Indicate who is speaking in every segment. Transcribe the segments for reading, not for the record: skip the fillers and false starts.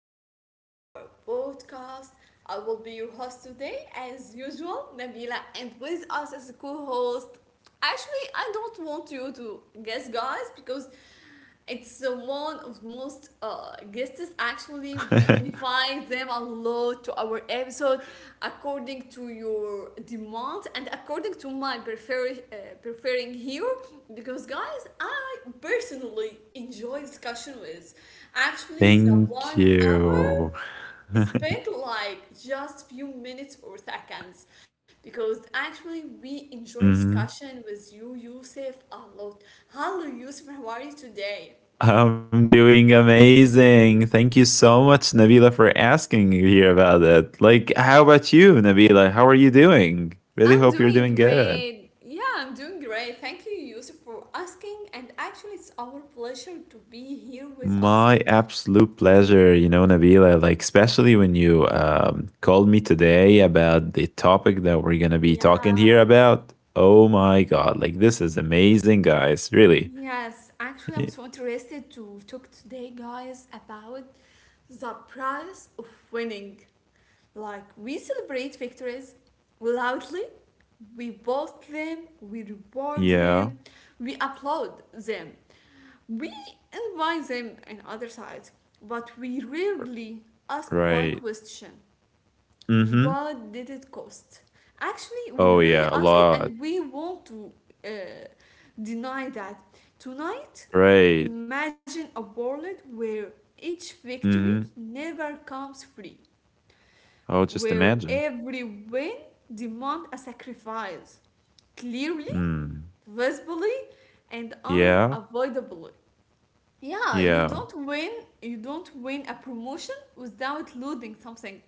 Speaker 1: episode of our podcast. I will be your host today, as usual, Nabila, and with us as a co host. Actually, I don't want you to guess, guys, because it's the one of most guests actually we invite them a lot to our episode according to your demand and according to my preferring here, because guys I personally enjoy discussion with actually the
Speaker 2: Thank
Speaker 1: 1 hour
Speaker 2: you.
Speaker 1: spent like just few minutes or seconds, because actually we enjoy
Speaker 2: Mhm.
Speaker 1: discussion with you Yusuf a lot. Hello Yusuf, how are you today?
Speaker 2: I'm doing amazing. Thank you so much, Nabila, for asking here about it. Like, how about you, Nabila? How are you doing? Really
Speaker 1: I'm
Speaker 2: hope you're
Speaker 1: doing
Speaker 2: doing good.
Speaker 1: great. Yeah, I'm doing great. Thank you, Yusuf, for asking. And actually, it's our pleasure to be here with us.
Speaker 2: My absolute pleasure, you know, Nabila, like, especially when you called me today about the topic that we're going to be talking here
Speaker 1: Yeah,
Speaker 2: about. Oh my God. Like, this is amazing, guys. Really.
Speaker 1: yes. Actually, I'm
Speaker 2: Y-
Speaker 1: so interested to talk today, guys, about the price of winning. Like, we celebrate victories loudly, we boast them, we reward
Speaker 2: Yeah,
Speaker 1: them, we applaud them. We invite them on other sides, but we rarely ask one
Speaker 2: right.
Speaker 1: question:
Speaker 2: Mm hmm.
Speaker 1: what did it cost? Actually, we
Speaker 2: Oh
Speaker 1: really
Speaker 2: yeah, a
Speaker 1: ask it
Speaker 2: lot.
Speaker 1: and we want to uh, deny that. Tonight,
Speaker 2: Right.
Speaker 1: imagine a world where each
Speaker 2: hmm
Speaker 1: victory never comes free,
Speaker 2: I'll just
Speaker 1: where
Speaker 2: imagine.
Speaker 1: every win demands a sacrifice. Clearly,
Speaker 2: Mm.
Speaker 1: visibly, and
Speaker 2: Yeah.
Speaker 1: unavoidably. Yeah, you
Speaker 2: Yeah.
Speaker 1: don't win you don't win a promotion without losing something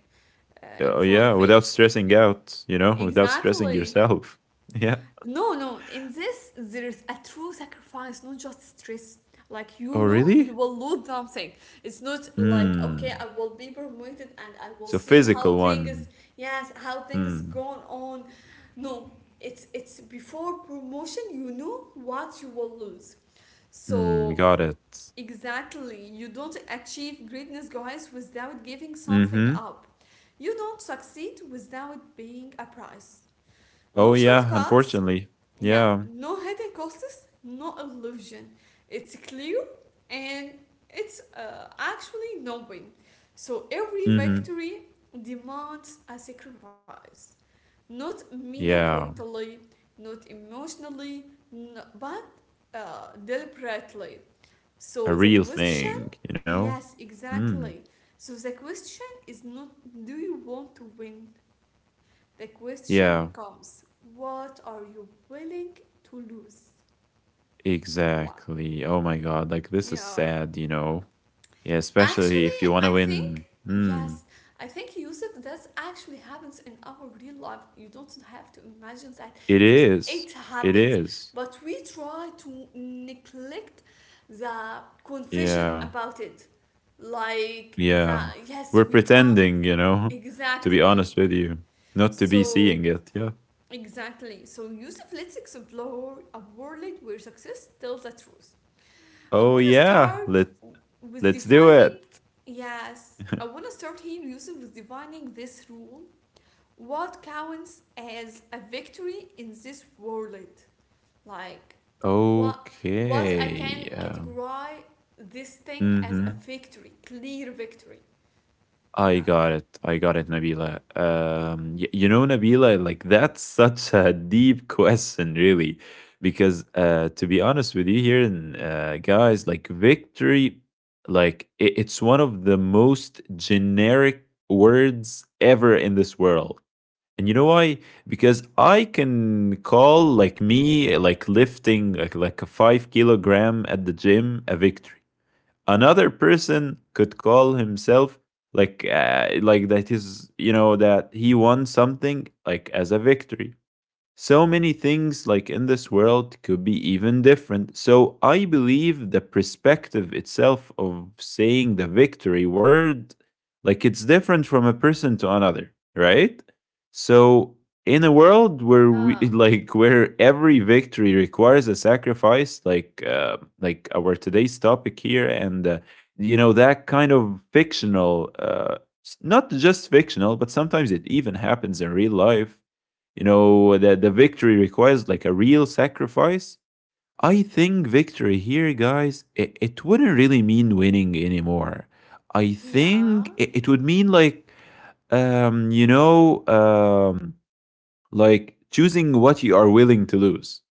Speaker 1: in
Speaker 2: Oh
Speaker 1: front
Speaker 2: yeah.
Speaker 1: of
Speaker 2: Without
Speaker 1: it.
Speaker 2: stressing out, without stressing
Speaker 1: Exactly.
Speaker 2: yourself. Yeah.
Speaker 1: No, no, in this there's a true sacrifice, not just stress. Like, you
Speaker 2: Oh
Speaker 1: know you
Speaker 2: really?
Speaker 1: will lose something. It's not like, okay,
Speaker 2: Mm.
Speaker 1: I will be promoted and I will
Speaker 2: So
Speaker 1: see how
Speaker 2: physical
Speaker 1: things,
Speaker 2: one.
Speaker 1: yes, how things
Speaker 2: Mm.
Speaker 1: going on. No, it's before promotion you know what you will lose, so.
Speaker 2: Mm. Got it.
Speaker 1: Exactly. You don't achieve greatness, guys, without giving something
Speaker 2: Mm-hmm.
Speaker 1: up. You don't succeed without paying a price.
Speaker 2: Oh
Speaker 1: No
Speaker 2: yeah,
Speaker 1: shortcuts.
Speaker 2: unfortunately.
Speaker 1: Yeah,
Speaker 2: Yeah.
Speaker 1: no hidden costs, no illusion. It's clear, and it's actually knowing. So every
Speaker 2: Mm-hmm.
Speaker 1: victory demands a sacrifice. Not
Speaker 2: Yeah.
Speaker 1: metaphorically, not emotionally, but deliberately.
Speaker 2: A
Speaker 1: So the
Speaker 2: real
Speaker 1: question.
Speaker 2: thing, you know?
Speaker 1: Yes,
Speaker 2: Mm.
Speaker 1: exactly. So the question is not, do you want to win? The question
Speaker 2: Yeah.
Speaker 1: becomes, what are you willing to lose? Wow.
Speaker 2: Exactly. Oh my god, like this is
Speaker 1: Yeah.
Speaker 2: sad. Yeah, especially if
Speaker 1: Actually,
Speaker 2: you want to
Speaker 1: I
Speaker 2: win.
Speaker 1: think, yes, I think, Yusuf, that actually happens in our real life. You don't have to imagine that
Speaker 2: It
Speaker 1: because
Speaker 2: is.
Speaker 1: it
Speaker 2: It
Speaker 1: happens.
Speaker 2: is.
Speaker 1: But we try to neglect the confession
Speaker 2: Yeah.
Speaker 1: about it. Like the.
Speaker 2: Yeah.
Speaker 1: Yes,
Speaker 2: We're
Speaker 1: we try.
Speaker 2: pretending, to be
Speaker 1: Exactly.
Speaker 2: honest with you, not to be
Speaker 1: So,
Speaker 2: seeing it. Yeah.
Speaker 1: exactly. So, Yusuf, let's explore a world where success tells the truth. I
Speaker 2: Oh,
Speaker 1: want to
Speaker 2: yeah.
Speaker 1: start
Speaker 2: Let,
Speaker 1: with
Speaker 2: let's do
Speaker 1: defining,
Speaker 2: it.
Speaker 1: yes, I want to start here, Yusuf, with defining this rule. What counts as a victory in this world? Like, what what I
Speaker 2: Okay.
Speaker 1: can
Speaker 2: Yeah.
Speaker 1: categorize this thing
Speaker 2: Mm
Speaker 1: as a
Speaker 2: hmm.
Speaker 1: victory, clear victory.
Speaker 2: I
Speaker 1: Yeah.
Speaker 2: got it. I got it, Nabila. You know, Nabila, like that's such a deep question, really, because to be honest with you here, and guys, like victory, like it's one of the most generic words ever in this world. And you know why? Because I can call like me like lifting like a 5 kilogram at the gym a victory. Another person could call himself like that is, you know, that he won something like as a victory. So many things, like in this world, could be even different. So I believe the perspective itself of saying the victory word, like it's different from a person to another, right? So in a world where we
Speaker 1: Yeah.
Speaker 2: like where every victory requires a sacrifice, like our today's topic here, and you know that kind of fictional, not just fictional, but sometimes it even happens in real life. You know that the victory requires like a real sacrifice. I think victory here, guys, it wouldn't really mean winning anymore. I
Speaker 1: Yeah.
Speaker 2: think it would mean like um you know um like choosing what you are willing to lose.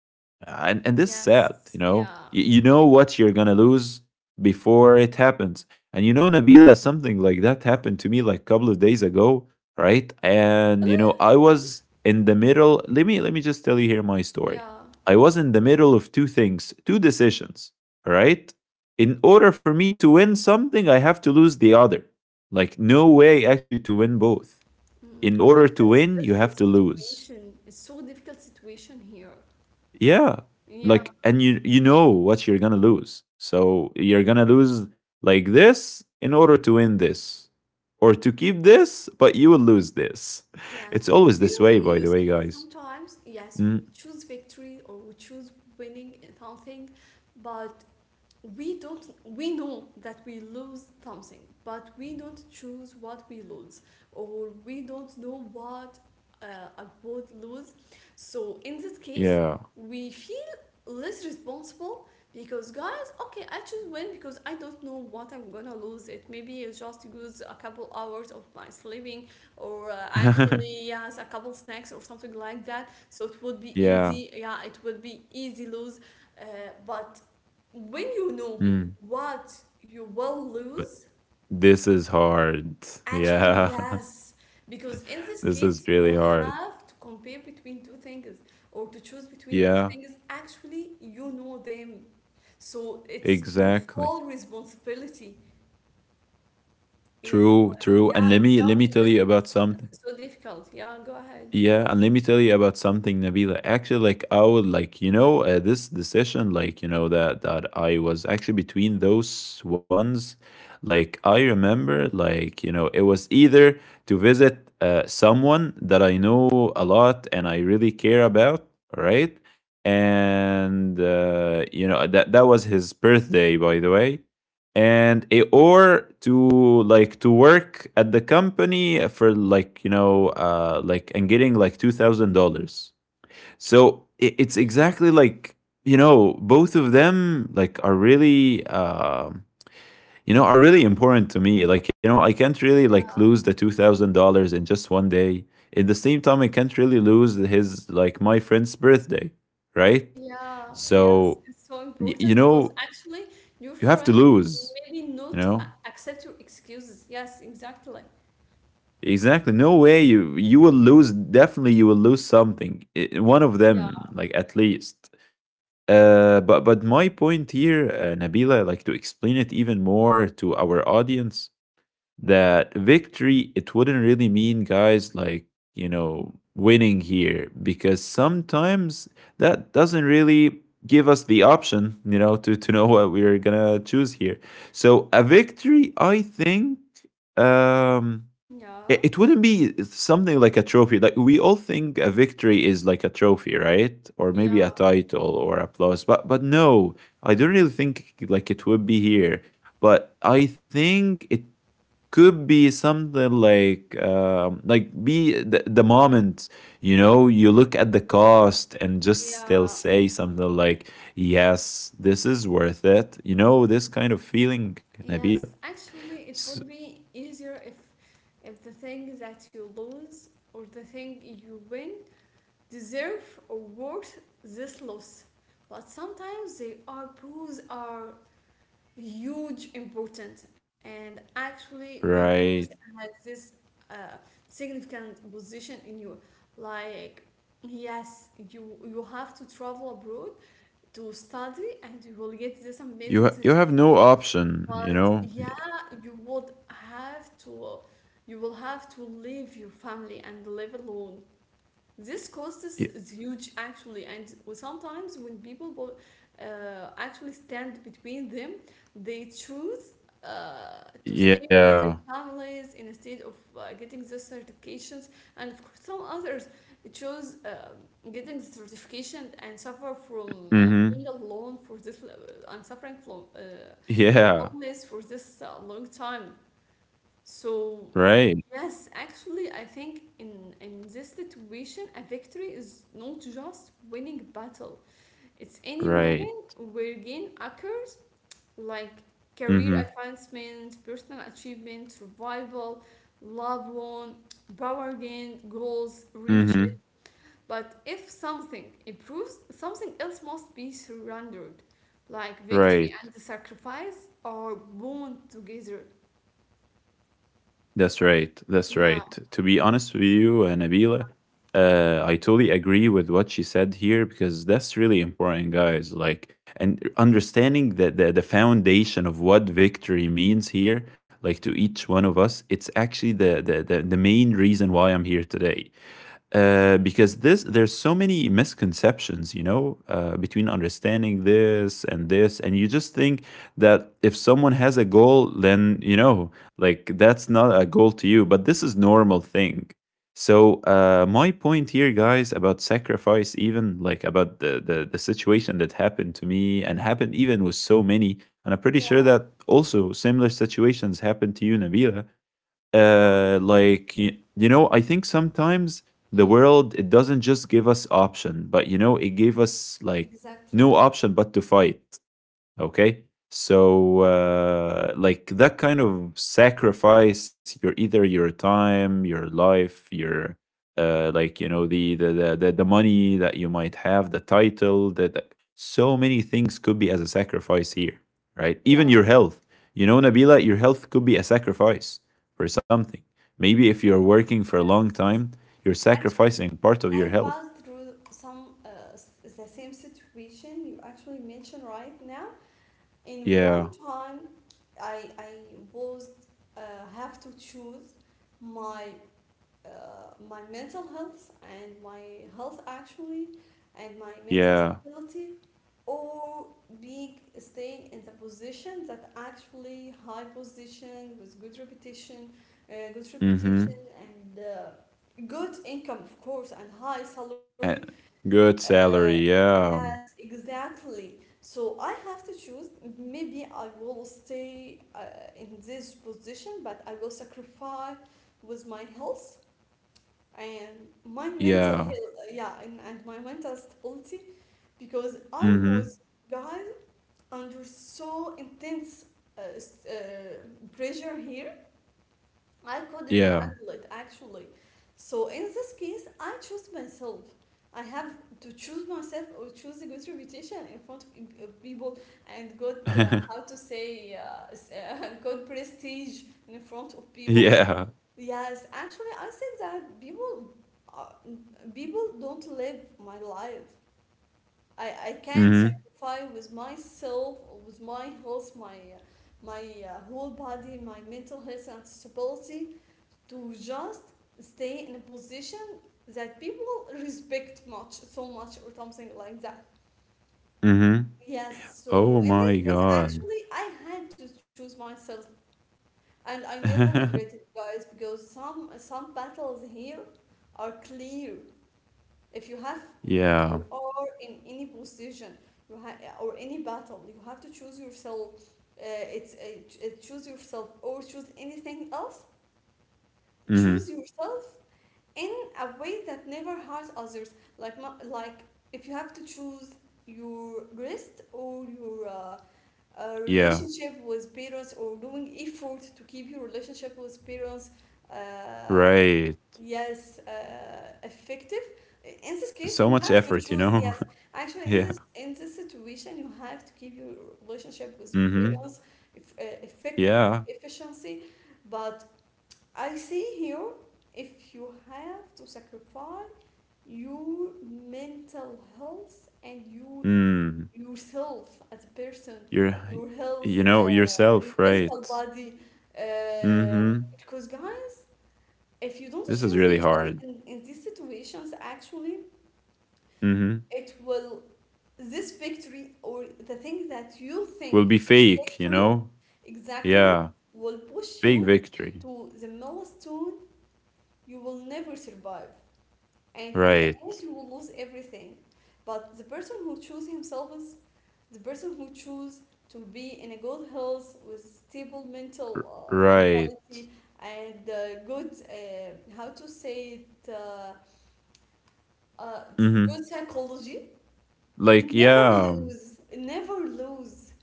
Speaker 2: And this is sad, you
Speaker 1: Yes.
Speaker 2: know.
Speaker 1: Yeah.
Speaker 2: You know what you're going to lose before it happens. And you know, Nabila, something like that happened to me like a couple of days ago, right? And,
Speaker 1: Really?
Speaker 2: you know, I was in the middle. Let me just tell you here my story.
Speaker 1: Yeah.
Speaker 2: I was in the middle of two things, two decisions, right? In order for me to win something, I have to lose the other. Like, no way actually to win both.
Speaker 1: Mm.
Speaker 2: In order to
Speaker 1: Actually, it's
Speaker 2: win, you have
Speaker 1: difficult
Speaker 2: to lose.
Speaker 1: situation. It's so difficult situation here.
Speaker 2: Yeah.
Speaker 1: Yeah.
Speaker 2: Like and you know what you're going to lose. So you're going to lose like this in order to win this or to keep this, but you will lose this.
Speaker 1: Yes.
Speaker 2: It's always
Speaker 1: Do you
Speaker 2: this way,
Speaker 1: know,
Speaker 2: by the
Speaker 1: Yusuf,
Speaker 2: way, guys.
Speaker 1: sometimes, yes, we
Speaker 2: Mm,
Speaker 1: choose victory or we choose winning in something, but we don't, we know that we lose something, but we don't choose what we lose, or we don't know what I would lose. So in this case,
Speaker 2: yeah.
Speaker 1: we feel less responsible because, guys, okay, I choose win because I don't know what I'm gonna lose. It maybe it's just use a couple hours of my sleeping or actually yes a couple snacks or something like that, so it would be
Speaker 2: Yeah.
Speaker 1: easy, yeah, it would be easy lose. uh, but when you know
Speaker 2: Mm,
Speaker 1: what you will
Speaker 2: but
Speaker 1: lose,
Speaker 2: this is hard.
Speaker 1: actually
Speaker 2: Yeah.
Speaker 1: yes, because in this
Speaker 2: This is
Speaker 1: case
Speaker 2: really
Speaker 1: you
Speaker 2: hard.
Speaker 1: have to compare between two things or to choose between two
Speaker 2: Yeah.
Speaker 1: things actually you know them, so it's your full
Speaker 2: Exactly.
Speaker 1: responsibility. Yeah, like,
Speaker 2: True, true. And
Speaker 1: yeah, it
Speaker 2: let me let
Speaker 1: become
Speaker 2: me
Speaker 1: in
Speaker 2: tell
Speaker 1: this
Speaker 2: you about
Speaker 1: case
Speaker 2: something.
Speaker 1: so difficult. Yeah, go ahead.
Speaker 2: Yeah, and let me tell you about something, Nabila. Actually, like I would like, you know, this decision, like you know that I was actually between those ones. Like I remember, like you know, it was either to visit someone that I know a lot and I really care about, right? And you know that was his birthday, by the way. And or to like to work at the company for like, you know, like and getting like $2,000. So it's exactly like, you know, both of them like are really you know are really important to me, like you know I can't really like lose the $2,000 in just one day. At the same time, I can't really lose his, like, my friend's birthday, right.
Speaker 1: Yeah, yes,
Speaker 2: So
Speaker 1: it's so important
Speaker 2: you
Speaker 1: because
Speaker 2: know
Speaker 1: actually your
Speaker 2: you have to
Speaker 1: friend
Speaker 2: lose
Speaker 1: maybe not
Speaker 2: you know
Speaker 1: accept your excuses. Yes, exactly.
Speaker 2: Exactly. No way. You will lose. Definitely, you will lose something. One of
Speaker 1: Yeah,
Speaker 2: them, like at least. But my point here, Nabila, like to explain it even more to our audience, that victory, it wouldn't really mean, guys, like, you know, winning here because sometimes that doesn't really give us the option, to know what we're gonna choose here. So a victory, I think. Um,
Speaker 1: yeah,
Speaker 2: it wouldn't be something like a trophy. Like we all think a victory is like a trophy, right? Or maybe a
Speaker 1: yeah,
Speaker 2: title or applause. But no, I don't really think like it would be here. But I think it could be something like be the moment, you know, you look at the cost and just still
Speaker 1: yeah.
Speaker 2: say something like yes, this is worth it, you know, this kind of feeling, Nabila.
Speaker 1: Yes, actually,
Speaker 2: S-
Speaker 1: it would be easier if the thing that you lose or the thing you win deserve or worth this loss. But sometimes they are both are huge importance, and actually the booth
Speaker 2: right.
Speaker 1: has this uh, significant position in you, like, yes, you have to travel abroad to study and you will get this amazing certificate,
Speaker 2: You have no option,
Speaker 1: but
Speaker 2: you
Speaker 1: yeah
Speaker 2: know. Y-
Speaker 1: you would have to, you will have to leave your family and live alone. This cost is
Speaker 2: y-
Speaker 1: huge actually, and sometimes when people actually stand between them, they choose uh, to stay with
Speaker 2: yeah.
Speaker 1: their families instead of getting the certifications, and of course, some others choose getting the certification and suffer from
Speaker 2: Mm-hmm.
Speaker 1: being alone for this and suffering from from
Speaker 2: Yeah.
Speaker 1: loneliness for this long time. So.
Speaker 2: Right.
Speaker 1: Yes, actually, I think in this situation, a victory is not just winning battle. It's any
Speaker 2: Right.
Speaker 1: moment where gain occurs, like career
Speaker 2: Mm-hmm.
Speaker 1: advancement, personal achievement, survival, love won, power gain, goals reached.
Speaker 2: Mm-hmm.
Speaker 1: But if something improves, something else must be surrendered. Like, victory
Speaker 2: Right.
Speaker 1: and the sacrifice are bound together.
Speaker 2: That's right. That's
Speaker 1: Yeah,
Speaker 2: right. To be honest with you,
Speaker 1: yeah,
Speaker 2: Nabila, I totally agree with what she said here because that's really important, guys, like and understanding that the foundation of what victory means here, like to each one of us, it's actually the main reason why I'm here today. Because this, there's so many misconceptions, you know, between understanding this and this, and you just think that if someone has a goal, then you know, like that's not a goal to you, but this is normal thing. So my point here, guys, about sacrifice, even like about the situation that happened to me and happened even with so many, and I'm pretty
Speaker 1: yeah,
Speaker 2: sure that also similar situations happen to you, Nabila. Like I think sometimes the
Speaker 1: mm?
Speaker 2: world, it doesn't just give us option, but you know it gave us like
Speaker 1: Exactly.
Speaker 2: no option but to fight, okay. So like that kind of sacrifice, your either your time, your life, your like, you know, the money that you might have, the title that. So many things could be as a sacrifice here, right, even your
Speaker 1: Yes,
Speaker 2: health. You know, Nabila, your health could be a sacrifice for something, maybe if you're working for a long
Speaker 1: yes.
Speaker 2: time, you're
Speaker 1: Actually,
Speaker 2: sacrificing part of your
Speaker 1: I
Speaker 2: health.
Speaker 1: passed through some the same situation you actually mentioned right now. In
Speaker 2: Yeah.
Speaker 1: one time, I was uh, have to choose my uh, my mental health and my health actually and my mental
Speaker 2: Yeah.
Speaker 1: stability, or being staying in the position that actually high position with good reputation, uh, good
Speaker 2: Mm-hmm.
Speaker 1: reputation and good income of course and high salary.
Speaker 2: Eh,
Speaker 1: uh,
Speaker 2: good salary. Yeah.
Speaker 1: yes, exactly, so I have to choose. Maybe I will stay in this position but I will sacrifice with my health and my mental health,
Speaker 2: Yeah.
Speaker 1: yeah, and my mental stability because I was,
Speaker 2: Mhm.
Speaker 1: guys, under so intense pressure here. I couldn't
Speaker 2: Yeah.
Speaker 1: handle it actually. So in this case, I chose myself. I have to choose myself or choose a good reputation in front of of people, and good, how to say, good prestige in front of people.
Speaker 2: Yeah.
Speaker 1: Yes, actually, I think that uh, people don't live my life. I can't
Speaker 2: Mhm.
Speaker 1: sacrifice with myself, with my health, my whole body, my mental health and stability to just stay in a position that people respect much so much or something like that.
Speaker 2: Mhm.
Speaker 1: Yes, so
Speaker 2: Oh
Speaker 1: in that
Speaker 2: my
Speaker 1: case,
Speaker 2: god.
Speaker 1: actually, I had to choose myself, and I never regret it, guys, because some battles here are clear. If you have, if you
Speaker 2: Yeah.
Speaker 1: are in any position, you or any battle, you have to choose yourself. Uh, it's choose yourself or choose anything else. Choose
Speaker 2: Mhm.
Speaker 1: yourself in a way that never harms others. Like like if you have to choose your rest or your
Speaker 2: Yeah.
Speaker 1: relationship with parents, or doing effort to keep your relationship with parents, uh,
Speaker 2: Right.
Speaker 1: yes, effective. In this case,
Speaker 2: So
Speaker 1: you
Speaker 2: much
Speaker 1: have to
Speaker 2: effort, you
Speaker 1: choose.
Speaker 2: know?
Speaker 1: Yes, actually, in
Speaker 2: Yeah.
Speaker 1: this in this situation, you have to keep your relationship with your
Speaker 2: Mhm.
Speaker 1: parents if, effective and
Speaker 2: Yeah.
Speaker 1: efficiency. But I see here, if you have to sacrifice your mental health and you
Speaker 2: Mm.
Speaker 1: yourself as a person,
Speaker 2: You're
Speaker 1: your
Speaker 2: you
Speaker 1: health,
Speaker 2: know
Speaker 1: your
Speaker 2: yourself,
Speaker 1: physical
Speaker 2: right?
Speaker 1: body, uh,
Speaker 2: Mhm.
Speaker 1: because, guys, if you don't
Speaker 2: This is
Speaker 1: choose
Speaker 2: really
Speaker 1: yourself
Speaker 2: hard.
Speaker 1: in these situations, actually,
Speaker 2: Mhm.
Speaker 1: it will, this victory or the thing that you
Speaker 2: Will
Speaker 1: think
Speaker 2: be fake, you
Speaker 1: victory
Speaker 2: know?
Speaker 1: exactly
Speaker 2: Yeah.
Speaker 1: will push
Speaker 2: Fake
Speaker 1: you
Speaker 2: victory.
Speaker 1: to the milestone you will never survive. And in the
Speaker 2: Right.
Speaker 1: end you will lose everything, but the person who chooses himself is the person who chooses to be in a good health with stable mental,
Speaker 2: Right.
Speaker 1: mentality, and good, how to say it, uh, good
Speaker 2: Mhm.
Speaker 1: psychology.
Speaker 2: Like,
Speaker 1: never
Speaker 2: yeah.
Speaker 1: lose never lose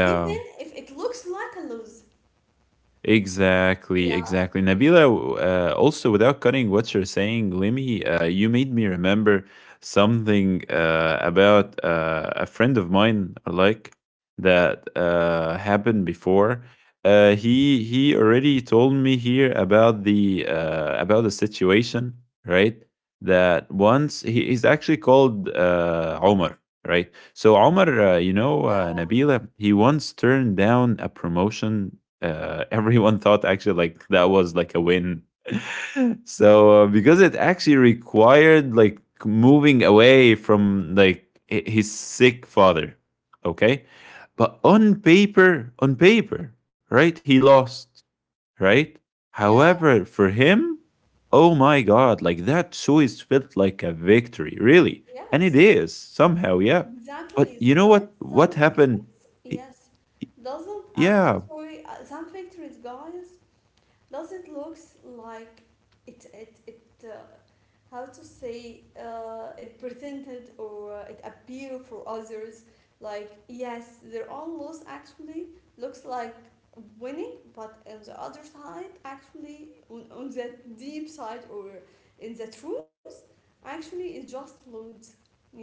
Speaker 1: even if it looks like a lose.
Speaker 2: exactly,
Speaker 1: Yeah,
Speaker 2: exactly, Nabila. Also without cutting what you're saying, Lemmy, you made me remember something about a friend of mine, like that happened before. He already told me here about the situation, right? That once he is actually called Omar, right? So Omar,
Speaker 1: yeah,
Speaker 2: Nabila, he once turned down a promotion, everyone thought actually like that was like a win. So because it actually required like moving away from like his sick father, okay? But on paper, right? He lost, right?
Speaker 1: yeah,
Speaker 2: However, for him, oh my god, like that choice felt like a victory, really. And
Speaker 1: yes.
Speaker 2: it is somehow, yeah. But
Speaker 1: Exactly.
Speaker 2: you know
Speaker 1: Guys,
Speaker 2: what? What
Speaker 1: some
Speaker 2: happened?
Speaker 1: pictures,
Speaker 2: I-
Speaker 1: yes,
Speaker 2: I-
Speaker 1: doesn't, I'm
Speaker 2: Yeah.
Speaker 1: sorry, some pictures, guys, doesn't looks like it, how to say, it presented or it appear for others. Like, yes, their own loss actually looks like winning, but on the other side, actually, on the deep side or in the truth, actually, it just lose. Yeah,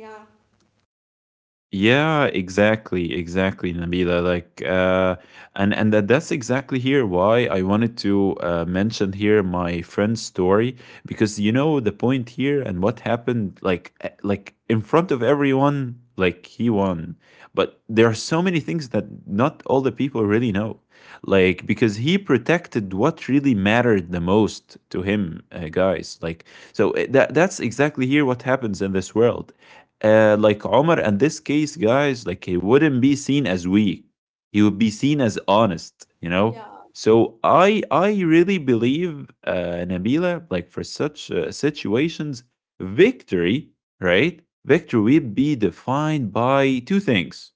Speaker 2: Yeah, exactly, exactly, Nabila. Like, and that's exactly here why I wanted to mention here my friend's story, because you know the point here and what happened. Like in front of everyone, like he won, but there are so many things that not all the people really know. Like, because he protected what really mattered the most to him, guys. Like, so that's exactly here what happens in this world. Like Omar, in this case, guys, like he wouldn't be seen as weak. He would be seen as honest.
Speaker 1: yeah.
Speaker 2: So I really believe, Nabila, like for such situations, victory, right? Victory will be defined by two things,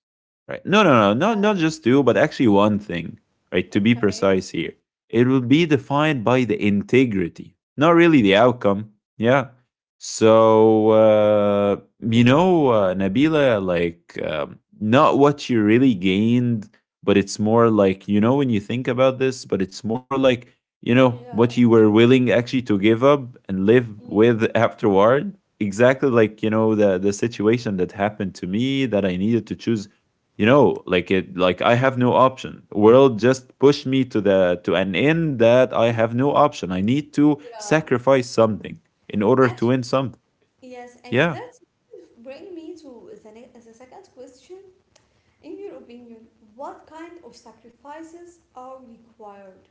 Speaker 2: right? No, no, no, not just two, but actually one thing, right? To be
Speaker 1: Okay.
Speaker 2: precise here, it will be defined by the integrity, not really the outcome. Yeah, so, Nabila, like, not what you really gained, but it's more like, you know, when you think about this, but it's more like, you
Speaker 1: Yeah.
Speaker 2: know, what you were willing actually to give up and live
Speaker 1: Mm.
Speaker 2: with afterward. Exactly like, the situation that happened to me that I needed to choose, like like I have no option. World just pushed me to an end that I have no option. I need to
Speaker 1: Yeah.
Speaker 2: sacrifice something in order to
Speaker 1: Act-
Speaker 2: win something.
Speaker 1: yes, and
Speaker 2: Yeah.
Speaker 1: that bring me to the second question. In your opinion, what kind of sacrifices are required?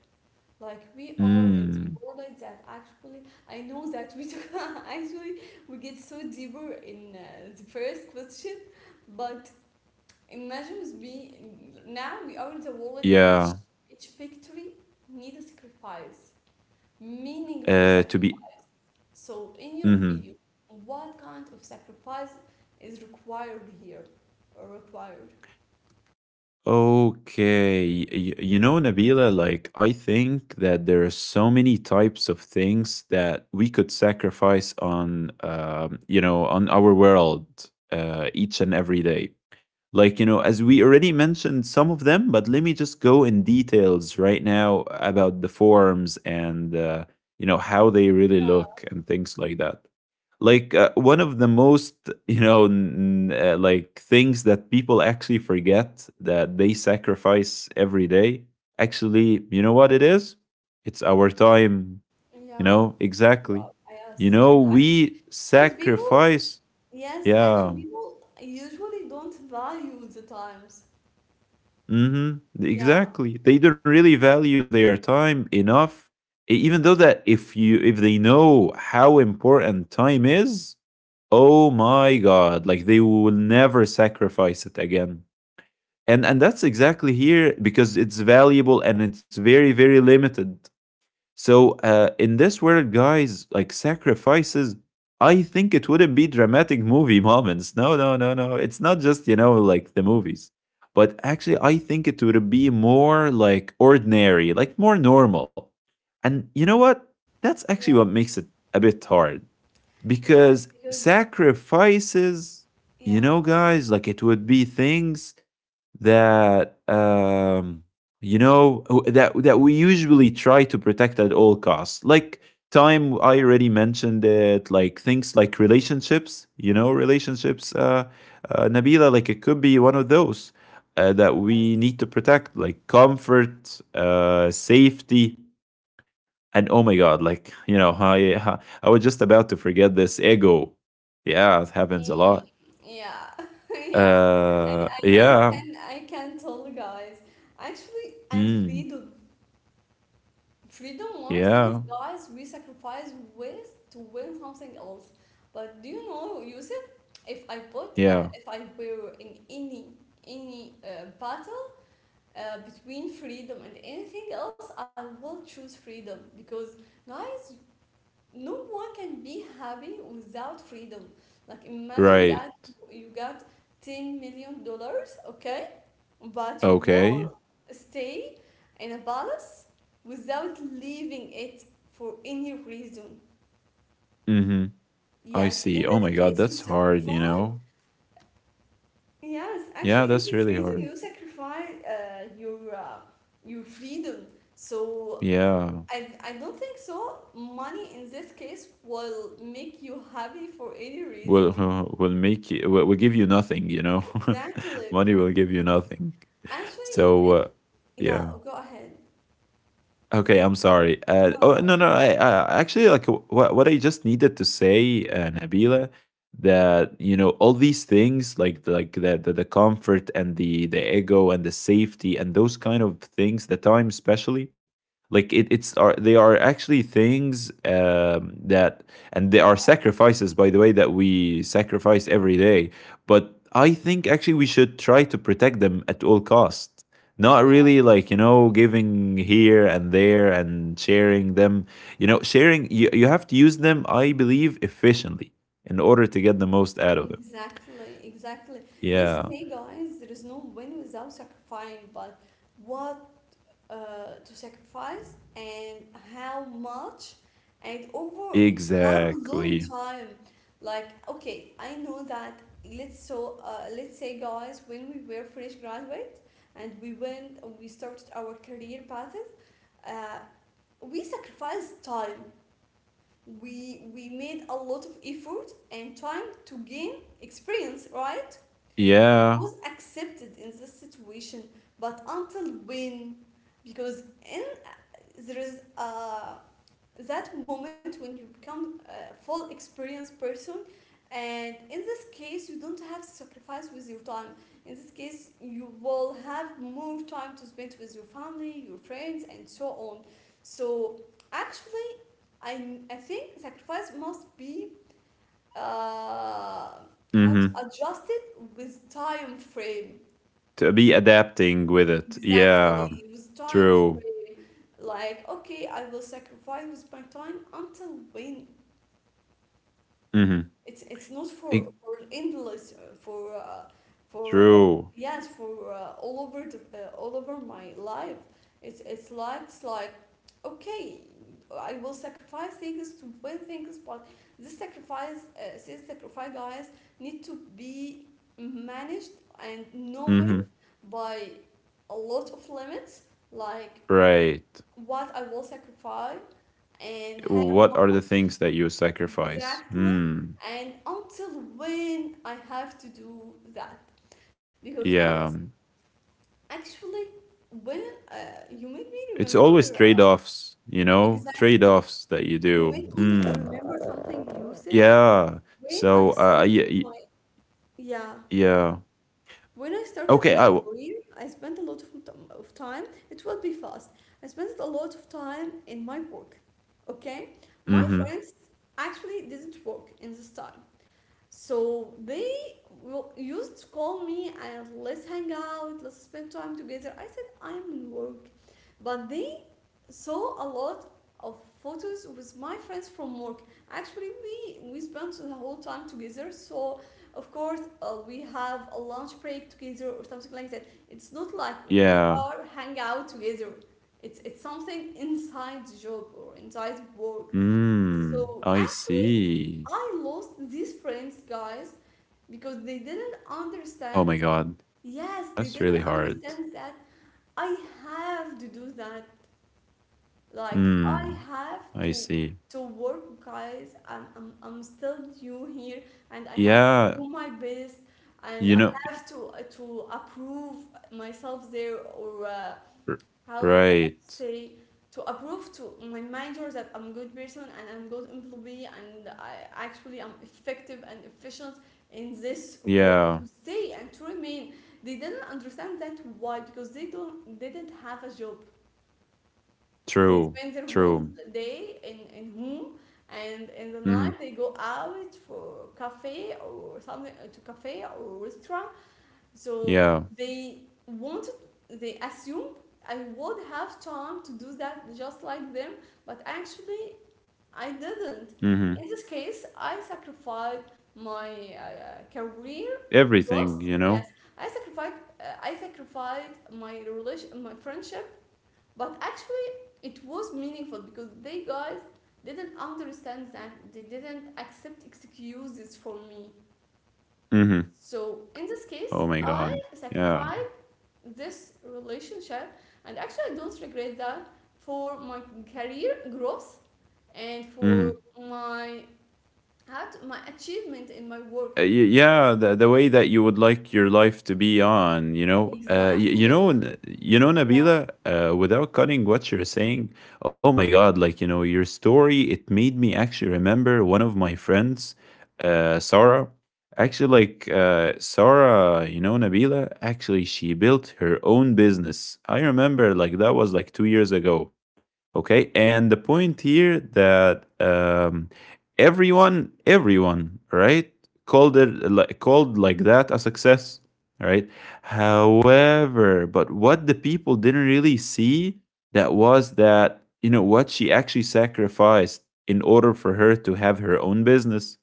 Speaker 1: Like, we are in the
Speaker 2: Mm,
Speaker 1: world like that actually, I know that we took, actually we get so deeper in the first question, but imagine with me now we are in the world each
Speaker 2: yeah.
Speaker 1: each victory need a sacrifice, meaningful
Speaker 2: To
Speaker 1: sacrifice.
Speaker 2: be.
Speaker 1: So, in your
Speaker 2: hmm
Speaker 1: opinion, what kind of sacrifice is required here? Or required?
Speaker 2: Okay. You know, Nabila, like, I think that there are so many types of things that we could sacrifice on, you know, on our world each and every day. Like, as we already mentioned some of them, but let me just go in details right now about the forms and, you know, how they really look
Speaker 1: Yeah.
Speaker 2: and things like that. Like, one of the most, like things that people actually forget that they sacrifice every day, actually, you know what it is? It's our time.
Speaker 1: Yeah.
Speaker 2: Exactly.
Speaker 1: Wow.
Speaker 2: you
Speaker 1: Yes.
Speaker 2: know
Speaker 1: And actually,
Speaker 2: we
Speaker 1: because people,
Speaker 2: sacrifice
Speaker 1: yes, actually,
Speaker 2: Yeah.
Speaker 1: people usually don't value the times.
Speaker 2: Mhm.
Speaker 1: Yeah.
Speaker 2: Exactly. They don't really value their time enough, e- even though that if they know how important time is, oh my god, like they will never sacrifice it again. And that's exactly here because it's valuable and it's very limited. So, in this world, guys, like sacrifices, I think it wouldn't be dramatic movie moments. No, no, no, no. It's not just, you know, like the movies. But actually, I think it would be more like ordinary, like more normal. And you know what? That's actually what makes
Speaker 1: Yes.
Speaker 2: it a bit hard
Speaker 1: Yes.
Speaker 2: because
Speaker 1: Because,
Speaker 2: sacrifices, you
Speaker 1: yeah.
Speaker 2: know, guys, like it would be things that you know that we usually try to protect at all costs, like time. I already mentioned it, like things like relationships, you know, relationships, Nabila, like it could be one of those, that we
Speaker 1: Yes.
Speaker 2: need to protect, like comfort, safety, and oh my god, like, you know, I was just about to forget this, ego. Yeah, it happens a
Speaker 1: Mm,
Speaker 2: lot.
Speaker 1: yeah. Yeah. I, I, I
Speaker 2: Yeah.
Speaker 1: can I can tell, guys. Actually, I
Speaker 2: mm,
Speaker 1: feel. Freedom, one of things,
Speaker 2: yeah.
Speaker 1: guys, we sacrifice ways to win something else. But do you know, Yusuf, if I put,
Speaker 2: Yeah.
Speaker 1: if I were in any battle between freedom and anything else, I will choose freedom because, guys, no one can be happy without freedom. Like imagine
Speaker 2: Right.
Speaker 1: that you got $10 million, okay, but you
Speaker 2: Okay.
Speaker 1: will stay in a palace without leaving it for any reason.
Speaker 2: Mm-hmm. I
Speaker 1: Yes,
Speaker 2: see.
Speaker 1: in
Speaker 2: Oh my
Speaker 1: that
Speaker 2: God,
Speaker 1: case you
Speaker 2: that's hard, you know?
Speaker 1: sacrifice. Yes,
Speaker 2: Yeah,
Speaker 1: actually, in
Speaker 2: that's
Speaker 1: this
Speaker 2: really
Speaker 1: reason
Speaker 2: hard.
Speaker 1: you sacrifice your freedom. So
Speaker 2: Yeah.
Speaker 1: I don't think so. Money in this case will make you happy for any reason.
Speaker 2: Will will make you, will give you nothing, you know?
Speaker 1: Exactly.
Speaker 2: Money will give you nothing.
Speaker 1: Actually, that,
Speaker 2: So,
Speaker 1: yeah,
Speaker 2: yeah.
Speaker 1: go ahead.
Speaker 2: Okay, I'm sorry.
Speaker 1: No,
Speaker 2: Oh no, no.
Speaker 1: no,
Speaker 2: I actually like what I just needed to say, Nabila, that you know all these things like the comfort and the ego and the safety and those kind of things, the time especially, like it's are they are actually things, that, and they
Speaker 1: yeah,
Speaker 2: are sacrifices, by the way, that we sacrifice every day. But I think actually we should try to protect them at all costs, not
Speaker 1: yeah,
Speaker 2: really like, you know, giving here and there and sharing them, you know, sharing. You have to use them, I believe, efficiently in order to get the most out of them.
Speaker 1: exactly, exactly. Let's
Speaker 2: Yeah,
Speaker 1: say, guys, there is no win without sacrificing, but what to sacrifice and how much and over how long
Speaker 2: exactly.
Speaker 1: time. Like, okay, I know that. Let's say, guys, when we were fresh graduate and we started our career paths. Uh, we sacrificed time. We made a lot of effort and time to gain experience, right? It
Speaker 2: Yeah.
Speaker 1: was accepted in this situation, but until when? Because in there is a that moment when you become a full experienced person, and in this case you don't have to sacrifice with your time. In this case you will have more time to spend with your family, your friends, and so on. So actually, I think sacrifice must be uh, how
Speaker 2: Mm-hmm.
Speaker 1: to adjust it with time frame.
Speaker 2: To be adapting with it, yeah.
Speaker 1: Exactly, with time
Speaker 2: True.
Speaker 1: frame. Like okay, I will sacrifice with my time until when?
Speaker 2: Mm-hmm.
Speaker 1: It's not
Speaker 2: Ig-
Speaker 1: for endless, for
Speaker 2: True.
Speaker 1: yes, for all over all over my life. It's like it's like, okay, I will sacrifice things to win things, but this sacrifice, this sacrifice, guys, need to be managed and known
Speaker 2: Mm-hmm.
Speaker 1: by a lot of limits, like
Speaker 2: Right.
Speaker 1: what I will sacrifice and how
Speaker 2: What are the
Speaker 1: much.
Speaker 2: things that you sacrifice?
Speaker 1: Exactly.
Speaker 2: Hmm.
Speaker 1: And until when I have to do that? Because guys,
Speaker 2: Yeah.
Speaker 1: actually, when uh, you made me
Speaker 2: It's
Speaker 1: remember,
Speaker 2: always trade-offs, you know,
Speaker 1: exactly,
Speaker 2: trade-offs that you
Speaker 1: you
Speaker 2: do.
Speaker 1: made me
Speaker 2: Mm.
Speaker 1: remember something, Yusuf.
Speaker 2: Yeah.
Speaker 1: When
Speaker 2: So,
Speaker 1: I started
Speaker 2: yeah,
Speaker 1: my, yeah,
Speaker 2: yeah.
Speaker 1: when I started
Speaker 2: Okay.
Speaker 1: my career, I spent a lot of, time, it will be fast. I spent a lot of time in my work, okay? My
Speaker 2: Mm-hmm.
Speaker 1: friends actually didn't work in this time. So they used to call me and let's hang out, let's spend time together. I said I'm in work, but they saw a lot of photos with my friends from work. Actually, we spent the whole time together. So of course we have a lunch break together or something like that. It's not like we
Speaker 2: Yeah.
Speaker 1: are hang out together. It's something inside the job or inside work.
Speaker 2: Mm.
Speaker 1: So
Speaker 2: I
Speaker 1: actually,
Speaker 2: see.
Speaker 1: I lost these friends, guys, because they didn't
Speaker 2: Oh my
Speaker 1: understand.
Speaker 2: God,
Speaker 1: Yes, they
Speaker 2: that's really
Speaker 1: didn't
Speaker 2: hard.
Speaker 1: understand that I have to do that. Like I
Speaker 2: Mm.
Speaker 1: have
Speaker 2: I see.
Speaker 1: to work, guys. I'm still new here and I have to
Speaker 2: Yeah.
Speaker 1: do my best, and
Speaker 2: You
Speaker 1: I
Speaker 2: know.
Speaker 1: have to approve myself there, or
Speaker 2: r-
Speaker 1: how how to
Speaker 2: Right.
Speaker 1: say, to approve to my manager that I'm good person and I'm good employee, and I actually I'm effective and efficient in this work
Speaker 2: Yeah.
Speaker 1: to stay and to remain. They didn't understand that. Why? Because they don't they didn't have a job. They
Speaker 2: True.
Speaker 1: spend their whole
Speaker 2: True.
Speaker 1: day in home, and in the
Speaker 2: Mm-hmm.
Speaker 1: night they go out for cafe or something, to cafe or restaurant. So
Speaker 2: Yeah.
Speaker 1: they wanted, they assumed I would have time to do that just like them, but actually I didn't.
Speaker 2: Mm-hmm.
Speaker 1: In this case, I sacrificed my career
Speaker 2: Everything.
Speaker 1: growth.
Speaker 2: You
Speaker 1: Yes,
Speaker 2: know.
Speaker 1: I sacrificed, I sacrificed my relation, my friendship, but actually it was meaningful because they, guys, didn't understand that, they didn't accept excuses for me.
Speaker 2: Mm-hmm.
Speaker 1: So in this case,
Speaker 2: Oh my
Speaker 1: I
Speaker 2: God. Yeah.
Speaker 1: sacrificed this relationship, and actually I don't regret that, for my career growth and for
Speaker 2: Mm-hmm.
Speaker 1: my how to, my achievement in my work.
Speaker 2: Yeah, the way that you would like your life to be on, you know,
Speaker 1: Exactly,
Speaker 2: you know,
Speaker 1: yeah.
Speaker 2: Nabila, without cutting what you're saying. Oh my god, like, you know, your story, it made me actually remember one of my friends, Sarah. Actually, like, Sarah, you know, Nabila, actually she built her own business. I remember, like, that was like two years ago. Okay, and the point here that, everyone, everyone, right, called it like, called like that, a success, right? However, but what the people didn't really see, that was that, you know what she actually sacrificed in order for her to have her own business.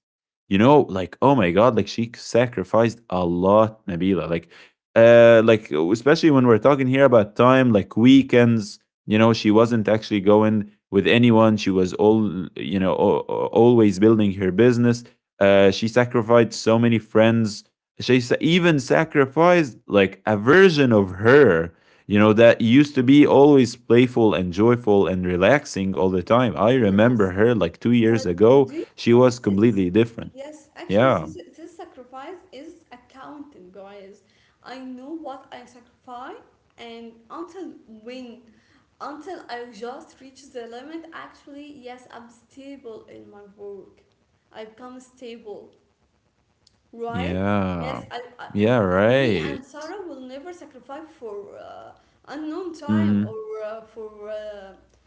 Speaker 2: You know, like oh my god, like she sacrificed a lot, Nabila. Like especially when we're talking here about time, like weekends, you know, she wasn't actually going with anyone. She was all, you know, always building her business. She sacrificed so many friends. She even sacrificed like a version of her, you know, that used to be always playful and joyful and relaxing all the time. I remember
Speaker 1: Yes,
Speaker 2: her like two
Speaker 1: but
Speaker 2: years ago.
Speaker 1: do you
Speaker 2: She
Speaker 1: know
Speaker 2: was
Speaker 1: this?
Speaker 2: completely different.
Speaker 1: Yes, actually,
Speaker 2: Yeah.
Speaker 1: this sacrifice is accounting, guys. I know what I sacrifice, and until when, until I just reach the limit. Actually, yes, I'm stable in my work. I become stable, right? Yes,
Speaker 2: Yeah.
Speaker 1: I,
Speaker 2: Yeah,
Speaker 1: me and
Speaker 2: right.
Speaker 1: Sarah will never sacrifice for unknown time,
Speaker 2: Hmm.
Speaker 1: or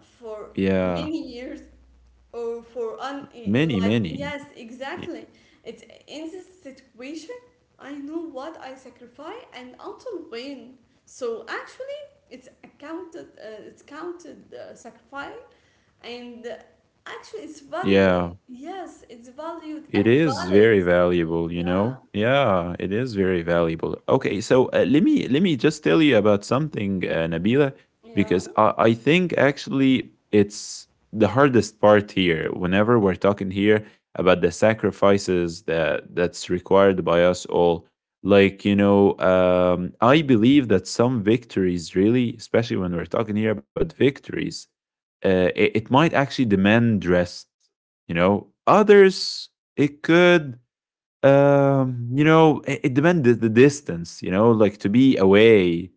Speaker 1: for
Speaker 2: Yeah.
Speaker 1: many years, or for un e,
Speaker 2: Many,
Speaker 1: like
Speaker 2: many.
Speaker 1: yes
Speaker 2: Y-
Speaker 1: exactly. It's in this situation, I know what I sacrifice and until when. So actually, it's accounted, it's counted, sacrifice, and actually it's
Speaker 2: Yeah.
Speaker 1: valuable. Yes, it's valued
Speaker 2: It
Speaker 1: and
Speaker 2: is
Speaker 1: valid.
Speaker 2: very valuable, you
Speaker 1: Yeah,
Speaker 2: know? Yeah, it is very valuable. Okay, so, let me just tell you about something, Nabila,
Speaker 1: yeah,
Speaker 2: because I think actually it's the hardest part here. Whenever we're talking here about the sacrifices that that's required by us all, like you know, I believe that some victories, really, especially when we're talking here about victories, it, it might actually demand rest, you know, others it could, you know, it demanded the distance, you know, like to be away,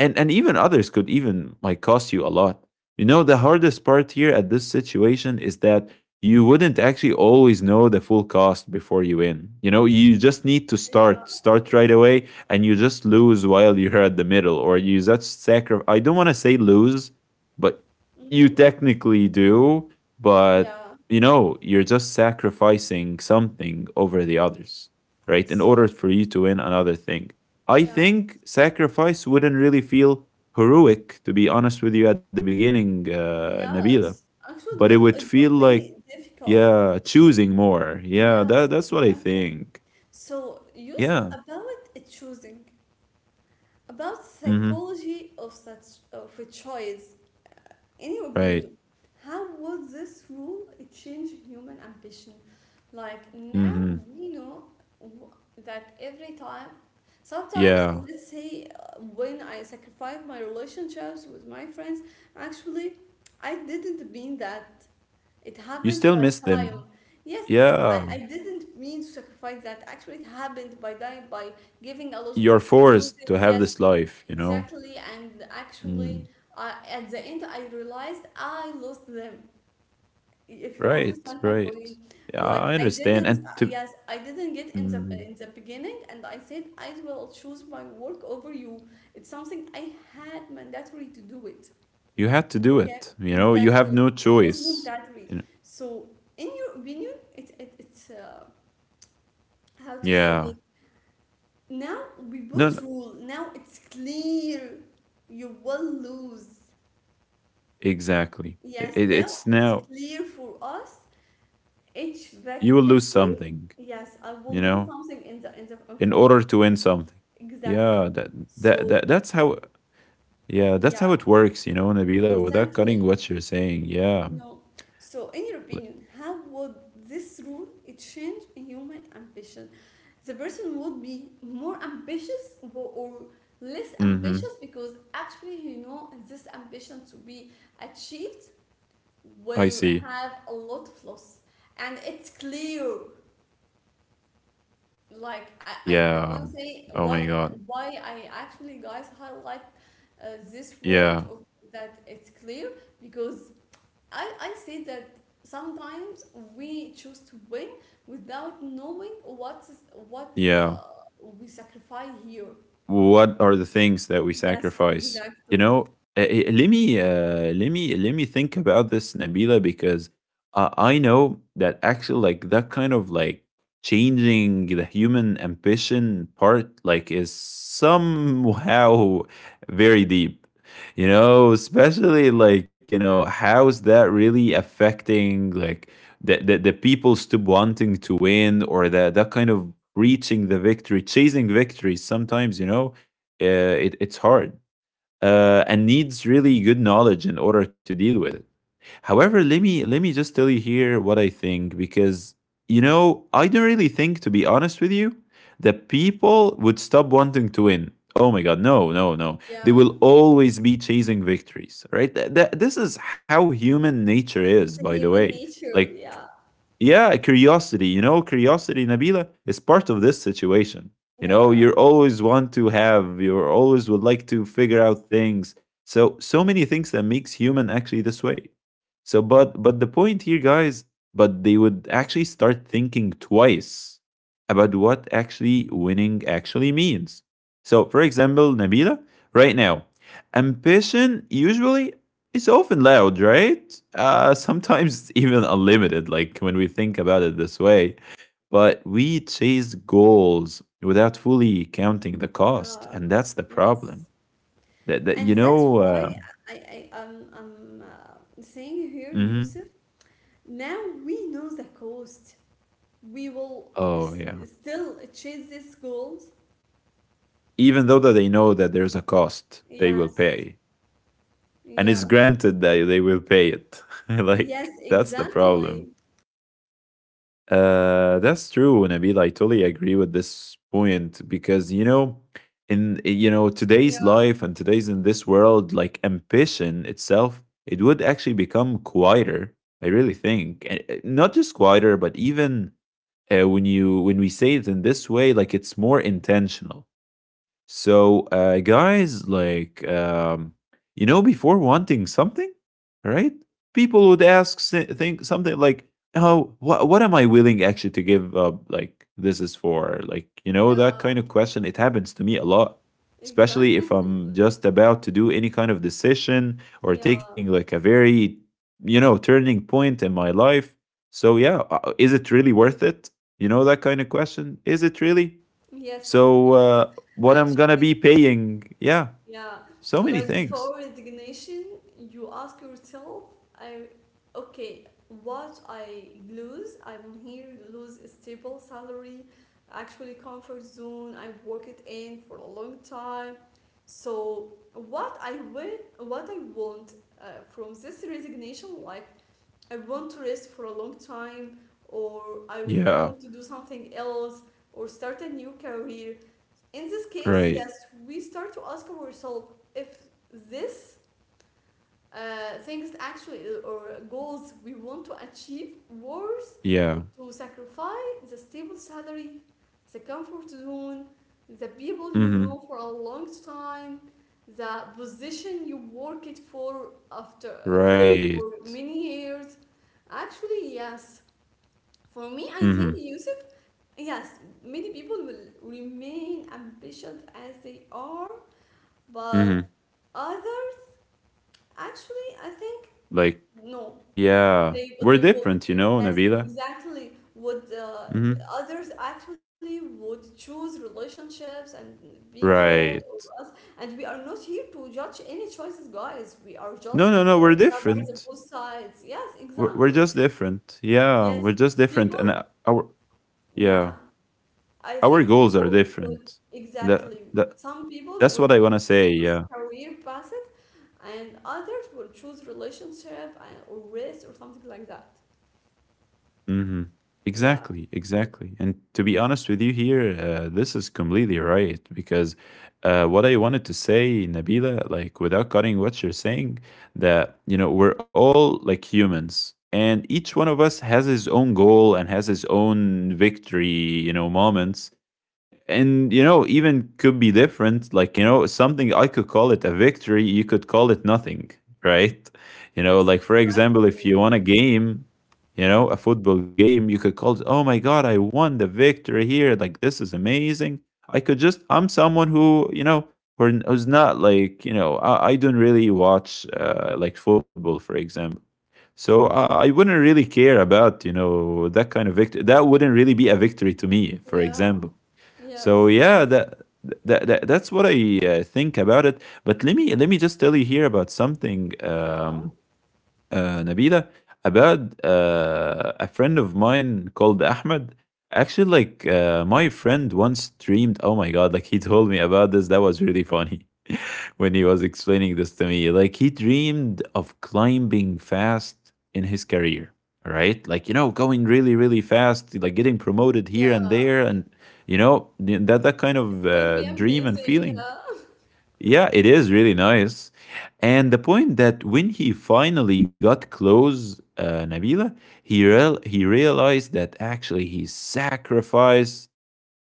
Speaker 2: and even others could even like cost you a lot. You know, the hardest part here at this situation is that you wouldn't actually always know the full cost before you win. You know, you just need to start,
Speaker 1: yeah,
Speaker 2: start right away, and you just lose while you're at the middle, or you just sacrifice. I don't want to say lose, but
Speaker 1: mm-hmm,
Speaker 2: you technically do,
Speaker 1: yeah.
Speaker 2: but you know, you're just sacrificing something over the others, right? In
Speaker 1: So
Speaker 2: order for you to win another thing. I
Speaker 1: yes,
Speaker 2: think sacrifice wouldn't really feel heroic, to be honest with you, at the beginning,
Speaker 1: yes,
Speaker 2: Nabila.
Speaker 1: actually it
Speaker 2: But it
Speaker 1: will, it
Speaker 2: would
Speaker 1: would
Speaker 2: feel
Speaker 1: be
Speaker 2: like,
Speaker 1: difficult.
Speaker 2: yeah, choosing more. Yeah, that,
Speaker 1: Yes,
Speaker 2: that's what I
Speaker 1: exactly.
Speaker 2: think.
Speaker 1: So, Yusuf,
Speaker 2: Yeah.
Speaker 1: about choosing, about
Speaker 2: Mm-hmm.
Speaker 1: psychology of such of a choice. In your
Speaker 2: Right.
Speaker 1: opinion, how would this rule change human ambition? Like now
Speaker 2: Mm-hmm.
Speaker 1: we know w- that every time, sometimes
Speaker 2: Yeah.
Speaker 1: let's say when I sacrificed my relationships with my friends, actually I didn't mean that. It
Speaker 2: You
Speaker 1: happened
Speaker 2: still
Speaker 1: by
Speaker 2: miss
Speaker 1: time.
Speaker 2: them.
Speaker 1: Yes, I,
Speaker 2: Yeah.
Speaker 1: I didn't mean to sacrifice that. Actually, it happened by time by giving a lot of
Speaker 2: You're forced
Speaker 1: excuses.
Speaker 2: to have
Speaker 1: Yes,
Speaker 2: this life, you know?
Speaker 1: exactly. And actually,
Speaker 2: Mm.
Speaker 1: I, at the end, I realized I lost them. If you
Speaker 2: Right,
Speaker 1: understand my
Speaker 2: right.
Speaker 1: point,
Speaker 2: Yeah, I
Speaker 1: like I
Speaker 2: understand.
Speaker 1: didn't,
Speaker 2: And to,
Speaker 1: yes, I didn't get in the
Speaker 2: mm,
Speaker 1: beginning, and I said I will choose my work over you. It's something I had mandatory to do it.
Speaker 2: you had to do
Speaker 1: Okay,
Speaker 2: it. You know, you
Speaker 1: exactly.
Speaker 2: have no
Speaker 1: It was went
Speaker 2: choice.
Speaker 1: that way.
Speaker 2: You know,
Speaker 1: So, in your opinion, it it's how to say it?
Speaker 2: yeah.
Speaker 1: Now we
Speaker 2: No,
Speaker 1: both
Speaker 2: no,
Speaker 1: rule. Now it's clear. You will lose.
Speaker 2: exactly.
Speaker 1: Yes,
Speaker 2: It,
Speaker 1: now
Speaker 2: it's
Speaker 1: it's
Speaker 2: now
Speaker 1: clear for us. Each
Speaker 2: you
Speaker 1: vac-
Speaker 2: will lose
Speaker 1: victory.
Speaker 2: something.
Speaker 1: Yes, I will
Speaker 2: You
Speaker 1: lose
Speaker 2: know,
Speaker 1: something in
Speaker 2: in
Speaker 1: front.
Speaker 2: order to win something. Yeah,
Speaker 1: Exactly.
Speaker 2: that that,
Speaker 1: So
Speaker 2: that that's how. Yeah, that's how
Speaker 1: yeah,
Speaker 2: it works. You know, Nabila, without cutting
Speaker 1: exactly.
Speaker 2: what you're saying. Yeah.
Speaker 1: No. So, in your opinion, how would this rule it change human ambition? The person would be more ambitious or less
Speaker 2: Mm-hmm.
Speaker 1: ambitious? Because actually, you know, this ambition to be achieved
Speaker 2: I
Speaker 1: will
Speaker 2: see.
Speaker 1: have a lot of loss, and it's clear. Like I want
Speaker 2: Yeah.
Speaker 1: to say
Speaker 2: Oh
Speaker 1: why
Speaker 2: my God.
Speaker 1: why I actually, guys, highlight this word
Speaker 2: Yeah.
Speaker 1: or that it's clear, because I see that sometimes we choose to win without knowing what is, what uh,
Speaker 2: Yeah.
Speaker 1: we sacrifice here.
Speaker 2: What are the things that we
Speaker 1: Yes,
Speaker 2: sacrifice, you
Speaker 1: exactly.
Speaker 2: know? Let me, let me let me think about this, Nabila, because, I know that actually, like, that kind of like changing the human ambition part, like, is somehow very deep, you know, especially like, you know, how's that really affecting like the people stop wanting to win, or the, that kind of reaching the victory, chasing victory. Sometimes, you know, uh, it, it's hard, and needs really good knowledge in order to deal with it. However, let me just tell you here what I think because you know I don't really think, to be honest with you, that people would stop wanting to win. Oh my God, no, no, no! They will
Speaker 1: Yeah,
Speaker 2: always be chasing victories, right? This is how human nature is, by
Speaker 1: it's a
Speaker 2: the way.
Speaker 1: human
Speaker 2: Like
Speaker 1: nature. Yeah,
Speaker 2: yeah, curiosity, you know, curiosity, Nabila, is part of this situation. You know,
Speaker 1: yeah,
Speaker 2: you always want to have, you always would like to figure out things. So, so many things that makes human actually this way. So, but the point here, guys, but they would actually start thinking twice about what actually winning actually means. So, for example, Nabila, right now, ambition usually, it's often loud, right? Sometimes even unlimited, like when we think about it this way. But we chase goals without fully counting the cost,
Speaker 1: yeah,
Speaker 2: and that's the problem.
Speaker 1: yes.
Speaker 2: That that you
Speaker 1: And that's
Speaker 2: know.
Speaker 1: why I am I'm, saying here,
Speaker 2: Mhm.
Speaker 1: Yusuf. Now we know the cost. We will
Speaker 2: Oh
Speaker 1: s-
Speaker 2: yeah.
Speaker 1: still chase these goals.
Speaker 2: Even though that they know that there's a cost, they will
Speaker 1: Yes.
Speaker 2: pay, and it's
Speaker 1: Yeah.
Speaker 2: granted that they will pay it. Like
Speaker 1: Yes,
Speaker 2: that's the problem.
Speaker 1: exactly.
Speaker 2: That's true, Nabil. I totally agree with this point because you know, in, you know, today's
Speaker 1: Yeah,
Speaker 2: life and today's in this world, like ambition itself, it would actually become quieter. I really think, and, not just quieter, but even, when you when we say it in this way, like it's more intentional. So, guys, like, you know, before wanting something, right? People would ask, think something like, "Oh, what am I willing actually to give up?" Like, this is for like, you know, that
Speaker 1: yeah,
Speaker 2: kind of question. It happens to me a lot, especially if
Speaker 1: exactly.
Speaker 2: I'm just about to do any kind of decision or
Speaker 1: Yeah,
Speaker 2: taking like a very, you know, turning point in my life. So, yeah, is it really worth it? You know, that kind of question. Is it really?
Speaker 1: yes.
Speaker 2: So, what I'm gonna
Speaker 1: Actually,
Speaker 2: be paying? Yeah,
Speaker 1: yeah.
Speaker 2: so many
Speaker 1: Like
Speaker 2: things.
Speaker 1: before resignation, you ask yourself, I, okay, what I lose? I'm here lose a stable salary, actually comfort zone. I work it in for a long time. So what I win, what I want from this resignation, like I want to rest for a long time, or I
Speaker 2: Yeah.
Speaker 1: want to do something else, or start a new career. In this case,
Speaker 2: Right.
Speaker 1: yes, we start to ask ourselves if this things actually or goals we want to achieve worth
Speaker 2: Yeah.
Speaker 1: to sacrifice the stable salary, the comfort zone, the people you
Speaker 2: Mm-hmm.
Speaker 1: know for a long time, the position you work it for after
Speaker 2: Right.
Speaker 1: for many years. Actually, yes. For me, I think
Speaker 2: Mm-hmm.
Speaker 1: Yusuf, yes, many people will remain ambitious as they are, but
Speaker 2: Mm-hmm.
Speaker 1: others, actually, I think
Speaker 2: Like,
Speaker 1: no.
Speaker 2: yeah, we're
Speaker 1: They would
Speaker 2: different, you know,
Speaker 1: yes
Speaker 2: Nabila.
Speaker 1: exactly would
Speaker 2: Mm-hmm.
Speaker 1: others actually would choose relationships and people
Speaker 2: Right.
Speaker 1: or us, and we are not here to judge any choices, guys. We are just
Speaker 2: No, no, no. We're
Speaker 1: covers on both
Speaker 2: different.
Speaker 1: sides. Yes, exactly.
Speaker 2: We're just different.
Speaker 1: Yes,
Speaker 2: Yeah, we're just
Speaker 1: people,
Speaker 2: different, and our
Speaker 1: yeah,
Speaker 2: yeah,
Speaker 1: I think
Speaker 2: our goals
Speaker 1: people
Speaker 2: are
Speaker 1: would
Speaker 2: different.
Speaker 1: exactly,
Speaker 2: That that
Speaker 1: some people would
Speaker 2: that's what I wanna say.
Speaker 1: choose
Speaker 2: Yeah.
Speaker 1: career path and others would choose relationship and, or risk or something like that.
Speaker 2: hmm
Speaker 1: Yeah.
Speaker 2: Exactly, exactly. And to be honest with you here, this is completely right because what I wanted to say, Nabila, like without cutting what you're saying, that, you know, we're all like humans and each one of us has his own goal and has his own victory, you know, moments, and you know even could be different, like you know something I could call it a victory, you could call it nothing. Right. You know,
Speaker 1: Yes,
Speaker 2: like for example if
Speaker 1: exactly.
Speaker 2: you won a game, you know a football game, you could call it, oh my god, I won the victory here, like this is amazing. I could just, I'm someone who, you know, who's not like, you know, I don't really watch like football, for example. So I wouldn't really care about, you know, that kind of victory. That wouldn't really be a victory to me, for
Speaker 1: Yeah.
Speaker 2: example. So
Speaker 1: Yes.
Speaker 2: yeah, that. That's what I think about it. But let me just tell you here about something.
Speaker 1: Yeah.
Speaker 2: Nabila, about a friend of mine called Ahmed. Actually, like my friend once streamed. Oh my god! Like he told me about this. That was really funny when he was explaining this to me. Like he dreamed of climbing fast in his career. All right, like you know, going really, really fast, like getting promoted here and
Speaker 1: Yeah.
Speaker 2: there, and you know that that kind
Speaker 1: It
Speaker 2: of
Speaker 1: would be
Speaker 2: dream and
Speaker 1: amazing. Yeah.
Speaker 2: feeling. Yeah, it is really nice. And the point that when he finally got close, Nabila, he realized that actually he sacrificed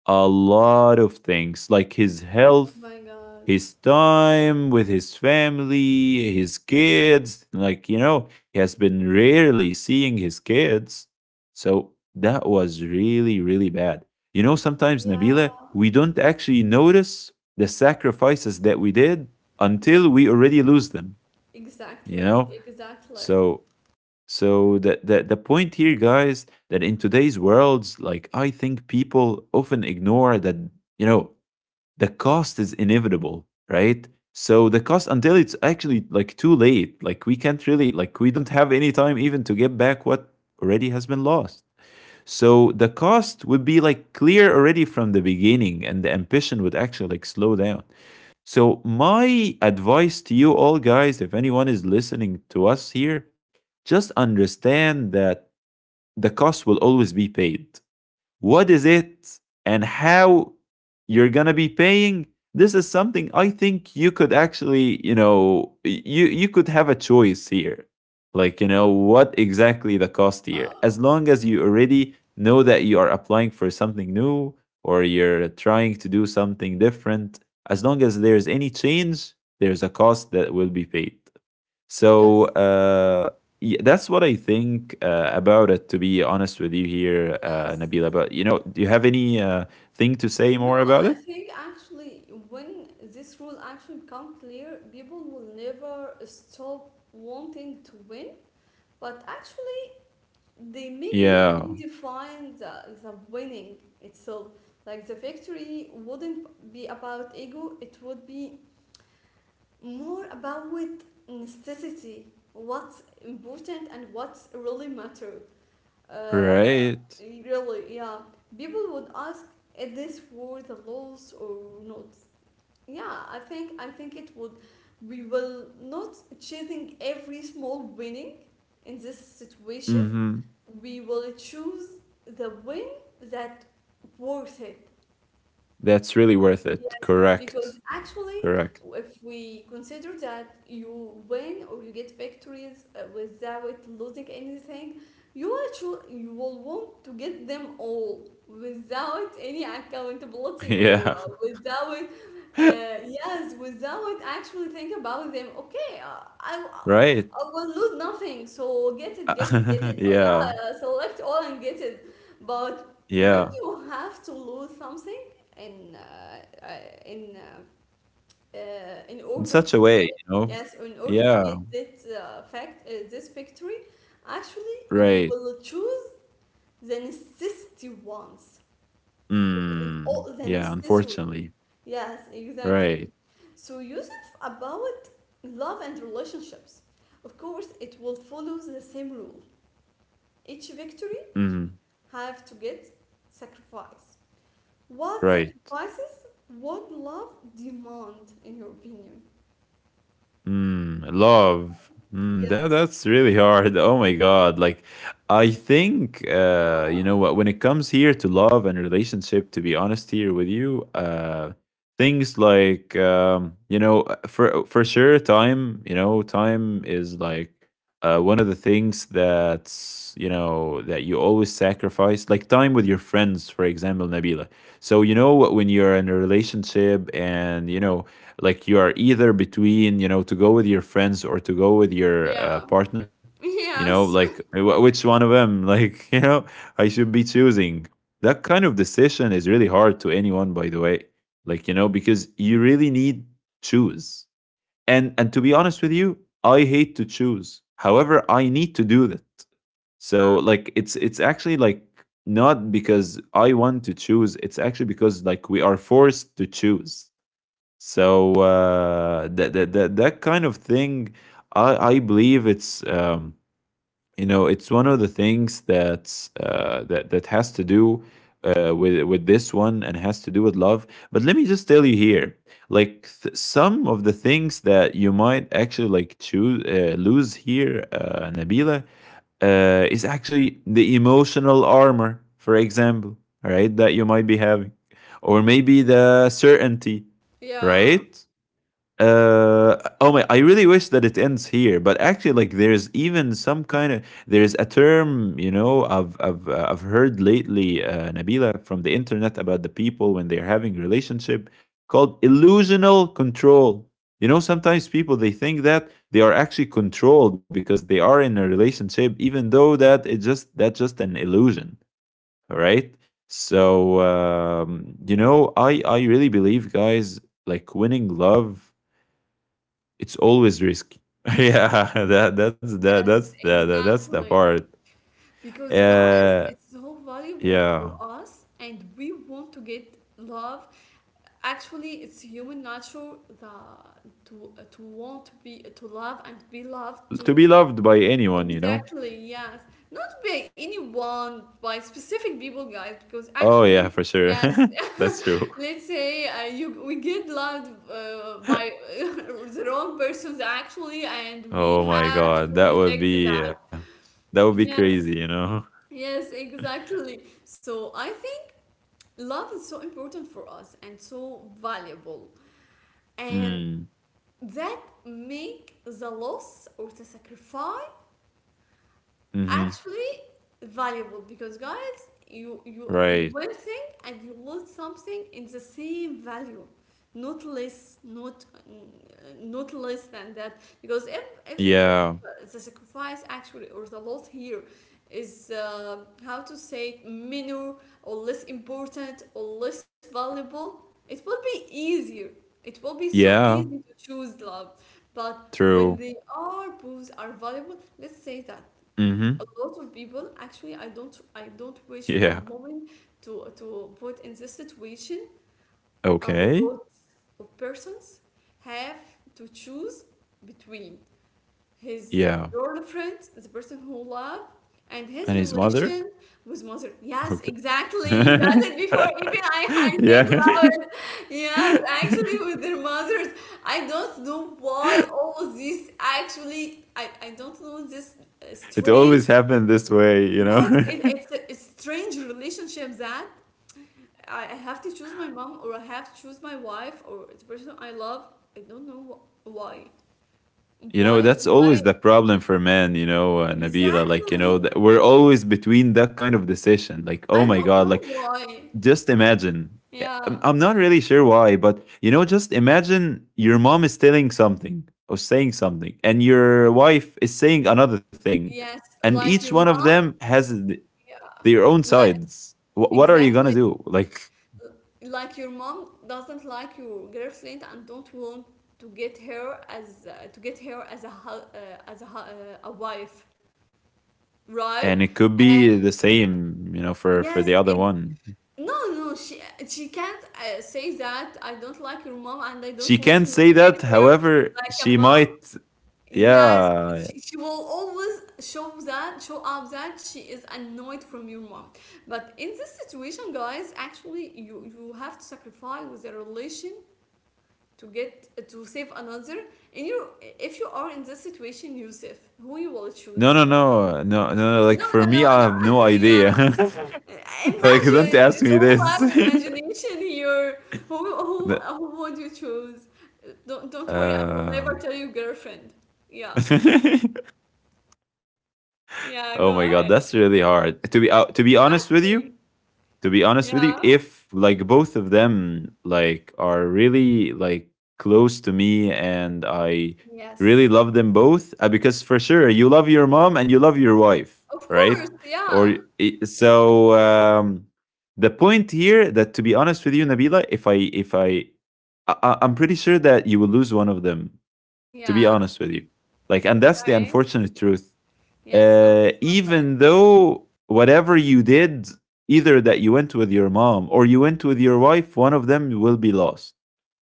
Speaker 2: a lot of things, like his
Speaker 1: Oh
Speaker 2: health,
Speaker 1: my God.
Speaker 2: his time with his family, his kids. Like, you know, he has been rarely seeing his kids. So that was really, really bad. You know, sometimes,
Speaker 1: Yeah.
Speaker 2: Nabila, we don't actually notice the sacrifices that we did until we
Speaker 1: Yes.
Speaker 2: already lose them, you
Speaker 1: Exactly.
Speaker 2: know?
Speaker 1: Exactly.
Speaker 2: So so the point here, guys, that in today's worlds, like I think people often ignore that, you know, the cost is inevitable, right? So the cost until it's actually like too late. Like we can't really, like we don't have any time even to get back what already has been lost. So the cost would be like clear already from the beginning, and the ambition would actually like slow down. So, my advice to you all guys, if anyone is listening to us here, just understand that the cost will always be paid. What is it and how you're gonna be paying, this is something I think you could actually, you know, you could have a choice here. Like, you know what exactly the cost here,
Speaker 1: Yeah.
Speaker 2: as long as you already know that you are applying for something new or you're trying to do something different. As long as there's any change, there's a cost that will be paid.
Speaker 1: Yes.
Speaker 2: So that's what I think about it. To be honest with you here,
Speaker 1: Yes.
Speaker 2: Nabila. But you know, do you have any thing to say
Speaker 1: No,
Speaker 2: more
Speaker 1: I
Speaker 2: about it?
Speaker 1: think actually when this rule actually become clear, people will never stop wanting to win, but actually they maybe
Speaker 2: Yeah.
Speaker 1: redefine the winning itself. Like the victory wouldn't be about ego, it would be more about necessity, what's important and what's really matter. Uh,
Speaker 2: Right.
Speaker 1: Really, yeah. People would ask, is this worth the loss or not? Yeah, I think it would. We will not chasing every small winning. In this situation
Speaker 2: Mm-hmm.
Speaker 1: we will choose the win that worth it.
Speaker 2: That's really worth it.
Speaker 1: Yes, because
Speaker 2: Correct.
Speaker 1: actually,
Speaker 2: Correct.
Speaker 1: if we consider that you win or you get victories without losing anything, you actually you will want to get them all without any accountability or
Speaker 2: Yeah.
Speaker 1: without yes, without actually think about them. Okay, uh, I
Speaker 2: Right.
Speaker 1: I will lose nothing, so get it, get it, get it. Oh,
Speaker 2: Yeah.
Speaker 1: yeah, select all and get it. But when
Speaker 2: Yeah.
Speaker 1: you have to lose something in uh, uh, in uh, in
Speaker 2: In
Speaker 1: order to
Speaker 2: such a way,
Speaker 1: win,
Speaker 2: you know.
Speaker 1: yes, in order to
Speaker 2: Yeah.
Speaker 1: get this fact this victory, actually
Speaker 2: Right.
Speaker 1: you will choose the necessity ones. It's
Speaker 2: Mm.
Speaker 1: all the
Speaker 2: Yeah.
Speaker 1: necessary,
Speaker 2: Unfortunately.
Speaker 1: yes exactly.
Speaker 2: Right.
Speaker 1: So Yusuf, about love and relationships, of course it will follow the same rule. Each victory
Speaker 2: Mm.
Speaker 1: have to get sacrifice. What
Speaker 2: Right.
Speaker 1: sacrifices would love demand, in your opinion?
Speaker 2: Mm, love. Mm,
Speaker 1: Yes.
Speaker 2: that's really hard. Oh my God. Like, I think, you know
Speaker 1: Yeah.
Speaker 2: what, when it comes here to love and relationship, to be honest here with you, things like, you know, for sure, time, you know, time is like one of the things that's, you know, that you always sacrifice, like time with your friends, for example, Nabila. So, you know, when you're in a relationship and, you know, like you are either between, you know, to go with your friends or to go with your
Speaker 1: Yeah.
Speaker 2: partner, you know,
Speaker 1: Yes.
Speaker 2: like which one of them like you know I should be choosing. That kind of decision is really hard to anyone, by the way. Like, you know, because you really need choose. And to be honest with you, I hate to choose, however I need to do that. So like it's actually like, not because I want to choose, it's actually because like we are forced to choose. So that kind of thing, I believe it's, you know, it's one of the things that's that has to do with this one and has to do with love. But let me just tell you here, like some of the things that you might actually like choose lose here, Nabila, is actually the emotional armor, for example, all right, that you might be having, or maybe the certainty,
Speaker 1: Yeah.
Speaker 2: right? Uh, oh my, I really wish that it ends here, but actually like there's even some kind of, there's a term, you know, I've heard lately, Nabila, from the internet about the people when they're having relationship, called illusional control. You know, sometimes people they think that they are actually controlled because they are in a relationship, even though that it just, that's just an illusion. All right. So you know, I really believe, guys, like winning love, it's always risky. Yeah, that that's that
Speaker 1: Yes,
Speaker 2: that's the, that that's the
Speaker 1: exactly.
Speaker 2: part.
Speaker 1: Because, guys,
Speaker 2: Uh,
Speaker 1: it's so valuable
Speaker 2: yeah,
Speaker 1: for us, and we want to get love. Actually, it's human nature that to want to be to love and be loved
Speaker 2: to
Speaker 1: too.
Speaker 2: be loved by anyone, you know.
Speaker 1: Exactly, yes. Not by anyone, by specific people, guys, because
Speaker 2: Oh yeah,
Speaker 1: actually,
Speaker 2: for sure.
Speaker 1: yes,
Speaker 2: That's true.
Speaker 1: let's say you we get loved by the wrong persons actually, and we
Speaker 2: Oh my
Speaker 1: have
Speaker 2: god,
Speaker 1: to reject that.
Speaker 2: that would be
Speaker 1: Yeah.
Speaker 2: crazy, you know.
Speaker 1: Yes, exactly. So I think love is so important for us and so valuable. And
Speaker 2: Mm.
Speaker 1: that make the loss or the sacrifice
Speaker 2: Mm-hmm.
Speaker 1: actually valuable because guys you
Speaker 2: Right.
Speaker 1: win thing and you lose something in the same value, not less, not less than that because if if,
Speaker 2: Yeah.
Speaker 1: if the sacrifice actually or the loss here is how to say minor or less important or less valuable, it will be easier, it will be so easy
Speaker 2: Yeah.
Speaker 1: to choose love. But when they
Speaker 2: True.
Speaker 1: are both are valuable, let's say that a
Speaker 2: Mm-hmm.
Speaker 1: lot of people actually I don't wish for a
Speaker 2: Yeah.
Speaker 1: moment to put in this situation. A lot
Speaker 2: Okay.
Speaker 1: of persons have to choose between his
Speaker 2: Yeah.
Speaker 1: girlfriend, the person who love, and his
Speaker 2: And his mother.
Speaker 1: relation with mother. Yes,
Speaker 2: Okay.
Speaker 1: exactly, you got it before even I said
Speaker 2: Yeah.
Speaker 1: loud. Yes, actually with their mothers. I don't know why all this actually, I don't know this
Speaker 2: It always
Speaker 1: strange.
Speaker 2: happened this way, you know.
Speaker 1: Yes, it's a it's strange relationship that I have to choose my mom or I have to choose my wife or the person I love. I don't know why.
Speaker 2: You know,
Speaker 1: Why?
Speaker 2: that's
Speaker 1: Why?
Speaker 2: always the problem for men, you know, Nabila. Like you know,
Speaker 1: Exactly.
Speaker 2: we're always between that kind of decision. Like, oh my
Speaker 1: I
Speaker 2: god,
Speaker 1: don't
Speaker 2: like
Speaker 1: know why.
Speaker 2: just imagine. Yeah, I'm
Speaker 1: Yeah.
Speaker 2: I'm not really sure why, but you know, just imagine your mom is telling something or saying something, and your wife is saying
Speaker 1: Sh
Speaker 2: another thing,
Speaker 1: yes,
Speaker 2: and
Speaker 1: like your
Speaker 2: each one of
Speaker 1: mom.
Speaker 2: them has
Speaker 1: Yeah.
Speaker 2: their own
Speaker 1: Like,
Speaker 2: sides. What are you
Speaker 1: exactly.
Speaker 2: gonna do? Like,
Speaker 1: Like your mom doesn't like your girlfriend and don't want to get her as to get her as a as a, a wife. Right?
Speaker 2: and it could
Speaker 1: And
Speaker 2: be the same, you know, for
Speaker 1: yes,
Speaker 2: the other one.
Speaker 1: no, she can't say that I don't like your mom and I don't
Speaker 2: She
Speaker 1: want
Speaker 2: can
Speaker 1: you
Speaker 2: say
Speaker 1: to get
Speaker 2: that.
Speaker 1: her
Speaker 2: However,
Speaker 1: like a
Speaker 2: she
Speaker 1: mom.
Speaker 2: might.
Speaker 1: Yes,
Speaker 2: Yeah.
Speaker 1: she will always show that show up that she is annoyed from your mom. But in this situation, guys, actually you have to sacrifice with a relation to get to save another. And you, if you are in this situation, Yusuf, who you will
Speaker 2: No,
Speaker 1: choose?
Speaker 2: no, no, no, no. no, Like
Speaker 1: No,
Speaker 2: for
Speaker 1: no,
Speaker 2: me, I
Speaker 1: no,
Speaker 2: have
Speaker 1: no.
Speaker 2: no idea.
Speaker 1: yeah.
Speaker 2: Like, don't
Speaker 1: Imagine,
Speaker 2: ask me
Speaker 1: it's all
Speaker 2: this.
Speaker 1: about imagination here. Who who
Speaker 2: The-
Speaker 1: who would you choose? Don't worry, I will
Speaker 2: uh...
Speaker 1: never tell you girlfriend. Yeah. Yeah,
Speaker 2: oh
Speaker 1: go
Speaker 2: my god,
Speaker 1: ahead.
Speaker 2: that's really hard. To be honest with you,
Speaker 1: Exactly.
Speaker 2: to be honest with you,
Speaker 1: Yeah.
Speaker 2: if like both of them like are really like close to me, and I really
Speaker 1: Yes.
Speaker 2: love them both, because for sure you love your mom and you love your wife,
Speaker 1: Of
Speaker 2: right?
Speaker 1: course,
Speaker 2: Or
Speaker 1: yeah.
Speaker 2: so the point here, that to be honest with you, Nabila, if I I- I'm pretty sure that you will lose one of them, to be
Speaker 1: Yeah.
Speaker 2: honest with you. Like, and that's the
Speaker 1: Okay.
Speaker 2: unfortunate truth.
Speaker 1: Yes,
Speaker 2: Even
Speaker 1: unfortunately.
Speaker 2: though whatever you did, either that you went with your mom or you went with your wife, one of them will be lost.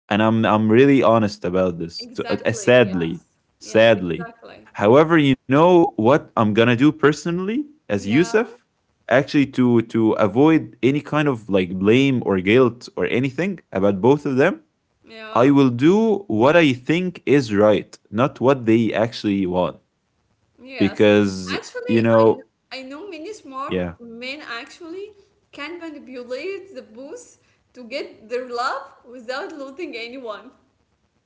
Speaker 2: And I'm really honest about this.
Speaker 1: Exactly.
Speaker 2: Sadly,
Speaker 1: Yes. Yes,
Speaker 2: sadly.
Speaker 1: exactly.
Speaker 2: However, you know what I'm gonna do personally as
Speaker 1: Yeah.
Speaker 2: Yusuf, actually to avoid any kind of like blame or guilt or anything about both of them. I
Speaker 1: Yeah.
Speaker 2: will do what I think is right, not what they actually want,
Speaker 1: Yes,
Speaker 2: because
Speaker 1: actually,
Speaker 2: you know.
Speaker 1: I know many
Speaker 2: Yeah,
Speaker 1: smart men actually can manipulate the booth to get their love without losing anyone.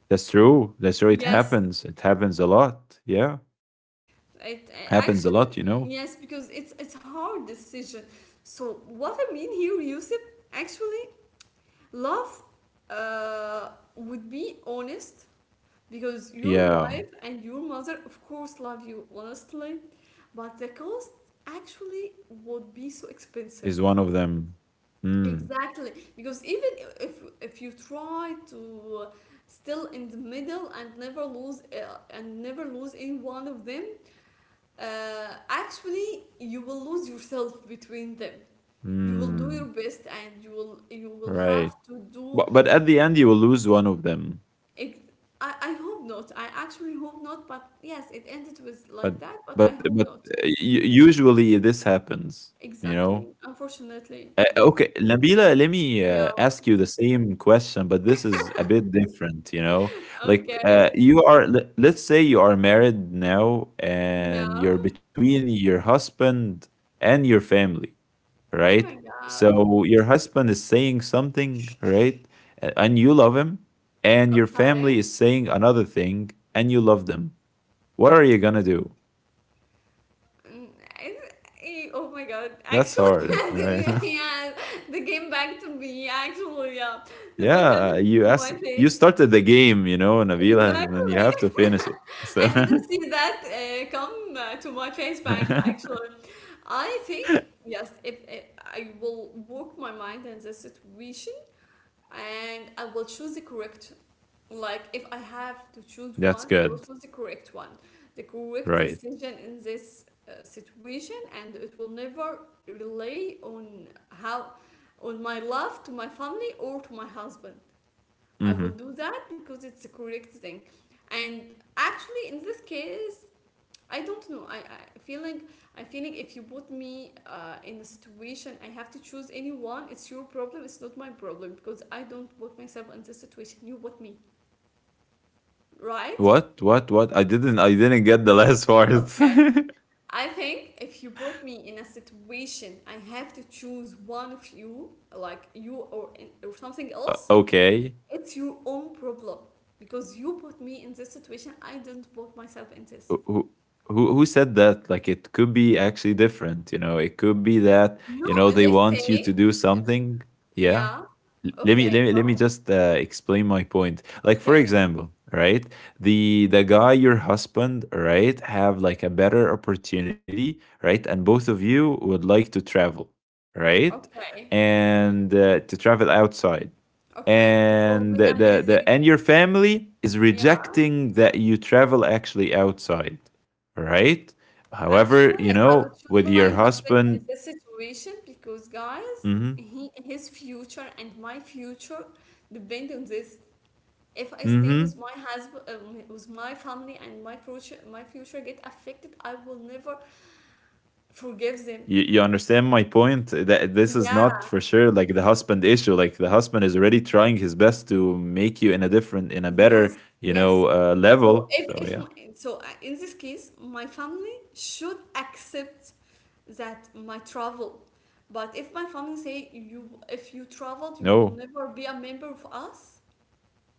Speaker 2: that's true. That's true. It
Speaker 1: Yes,
Speaker 2: happens. It happens a lot. Yeah,
Speaker 1: it
Speaker 2: happens a lot. You
Speaker 1: actually
Speaker 2: know.
Speaker 1: yes because it's hard decision. So what I mean here, Yusuf, actually. Love would be honest because your
Speaker 2: Yeah,
Speaker 1: wife and your mother, of course, love you honestly, but the cost actually would be so
Speaker 2: is
Speaker 1: expensive.
Speaker 2: one of them. Hmm.
Speaker 1: Exactly, because even if you try to still in the middle and never lose any one of them, actually you will lose yourself between them. You will do
Speaker 2: Hmm.
Speaker 1: your best, and you will
Speaker 2: Right.
Speaker 1: have to do.
Speaker 2: But at the end you will lose one of them.
Speaker 1: It, I hope not. I actually hope not, but yes, it ended with like
Speaker 2: But
Speaker 1: that, but
Speaker 2: but
Speaker 1: I
Speaker 2: but
Speaker 1: hope not.
Speaker 2: uh, u- Usually this happens. You know.
Speaker 1: Exactly. Unfortunately.
Speaker 2: Okay, Nabila, let me
Speaker 1: Yeah.
Speaker 2: ask you the same question, but this is a bit different, you know? Like,
Speaker 1: Okay.
Speaker 2: you are, let's say you are married now and
Speaker 1: Yeah.
Speaker 2: you're between your husband and your family,
Speaker 1: Oh
Speaker 2: right?
Speaker 1: my God.
Speaker 2: So your husband is saying something, right? And you love him, and your family
Speaker 1: Okay.
Speaker 2: is saying another thing, and you love them. What are you gonna do?
Speaker 1: Mm, it- oh my God.
Speaker 2: That's
Speaker 1: Actually,
Speaker 2: hard, right?
Speaker 1: yeah, the game back to me. Actually, yeah. The volcano
Speaker 2: Yeah, you
Speaker 1: to
Speaker 2: asked,
Speaker 1: my
Speaker 2: you
Speaker 1: face.
Speaker 2: started the game, you know, Nabila, and then you
Speaker 1: Exactly.
Speaker 2: have to finish it. So
Speaker 1: I didn't see that come to my face back actually. I think, yes, if I will work my mind in this situation and I will choose the correct, like if I have to choose
Speaker 2: that's
Speaker 1: one, I will
Speaker 2: good,
Speaker 1: choose the correct one, the correct
Speaker 2: right?
Speaker 1: decision in this situation, and it will never rely on how, on my love to my family or to my husband. I will
Speaker 2: hmm
Speaker 1: do that because it's the correct thing. And actually, in this case, I don't know. I feel like if you put me in a situation, I have to choose anyone. It's your problem. It's not my problem because I don't put myself in this situation. You put me, right?
Speaker 2: What? What? What? I didn't. I didn't get the last part.
Speaker 1: Okay. I think if you put me in a situation, I have to choose one of you, like you or something else.
Speaker 2: Okay.
Speaker 1: It's your own problem because you put me in this situation. I didn't put myself in
Speaker 2: Who,
Speaker 1: this.
Speaker 2: who who said that? Like it could be actually different. You know, it could be that you know they
Speaker 1: No,
Speaker 2: want
Speaker 1: let's
Speaker 2: you to do
Speaker 1: say,
Speaker 2: something. Yeah.
Speaker 1: yeah.
Speaker 2: L- let me let
Speaker 1: Okay,
Speaker 2: me
Speaker 1: go
Speaker 2: let me
Speaker 1: ahead.
Speaker 2: just explain my point, like, for
Speaker 1: Okay,
Speaker 2: example, right? The guy, your husband, right, have like a better opportunity, right, and both of you would like to travel, right,
Speaker 1: okay,
Speaker 2: and to travel outside,
Speaker 1: okay. It will
Speaker 2: and
Speaker 1: be
Speaker 2: the and
Speaker 1: amazing.
Speaker 2: your family is
Speaker 1: Yeah.
Speaker 2: rejecting that you travel actually outside, right? However, you
Speaker 1: Actually, I
Speaker 2: know,
Speaker 1: would
Speaker 2: with
Speaker 1: choose
Speaker 2: your
Speaker 1: my husband
Speaker 2: husband.
Speaker 1: in this situation because, guys,
Speaker 2: Mm-hmm,
Speaker 1: he his future and my future depend on this. If I stay
Speaker 2: mm-hmm.
Speaker 1: with my husband, with my family, and my future get affected, I will never forgive
Speaker 2: You,
Speaker 1: them.
Speaker 2: you understand my point? That this is
Speaker 1: Yeah,
Speaker 2: not for sure like the husband issue. Like the husband is already trying his best to make you in a different, in a better,
Speaker 1: yes,
Speaker 2: you
Speaker 1: yes.
Speaker 2: know,
Speaker 1: So
Speaker 2: level. So
Speaker 1: if
Speaker 2: yeah,
Speaker 1: my- so in this case, my family should accept that my travel. But if my family say you if you traveled, you
Speaker 2: no,
Speaker 1: will never be a member of us,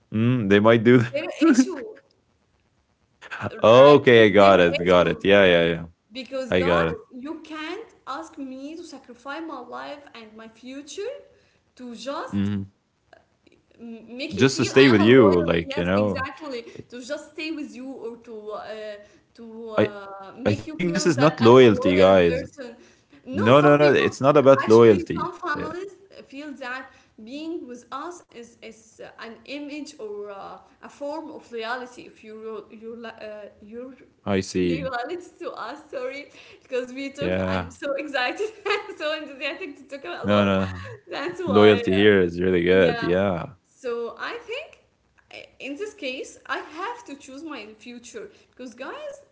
Speaker 2: mm, they might do
Speaker 1: it's their issue.
Speaker 2: that.
Speaker 1: Like
Speaker 2: Okay, I
Speaker 1: it's their
Speaker 2: got it, got it.
Speaker 1: issue.
Speaker 2: Yeah, yeah, yeah.
Speaker 1: Because
Speaker 2: I got
Speaker 1: guys,
Speaker 2: it.
Speaker 1: you can't ask me to sacrifice my life and my future to just
Speaker 2: Mhm.
Speaker 1: make you
Speaker 2: Just to
Speaker 1: feel
Speaker 2: stay
Speaker 1: I
Speaker 2: with
Speaker 1: am a
Speaker 2: you,
Speaker 1: loyal.
Speaker 2: like, you
Speaker 1: Yes,
Speaker 2: know,
Speaker 1: exactly. To just stay with you or to
Speaker 2: I, I
Speaker 1: make you
Speaker 2: think this
Speaker 1: feel
Speaker 2: is
Speaker 1: that
Speaker 2: not
Speaker 1: I'm a
Speaker 2: loyalty,
Speaker 1: loyal
Speaker 2: guys.
Speaker 1: person. No,
Speaker 2: No, no,
Speaker 1: some
Speaker 2: no.
Speaker 1: people
Speaker 2: It's not about
Speaker 1: actually
Speaker 2: loyalty.
Speaker 1: some
Speaker 2: Yeah.
Speaker 1: families feel that being with us is an image or a form of loyalty. If you
Speaker 2: I see.
Speaker 1: loyalty to us, sorry, because we took.
Speaker 2: Yeah.
Speaker 1: I'm so excited, and so enthusiastic to talk a
Speaker 2: No,
Speaker 1: lot.
Speaker 2: no.
Speaker 1: That's why,
Speaker 2: Loyalty here is really
Speaker 1: yeah.
Speaker 2: good. Yeah.
Speaker 1: So I think in this case, I have to choose my future because, guys,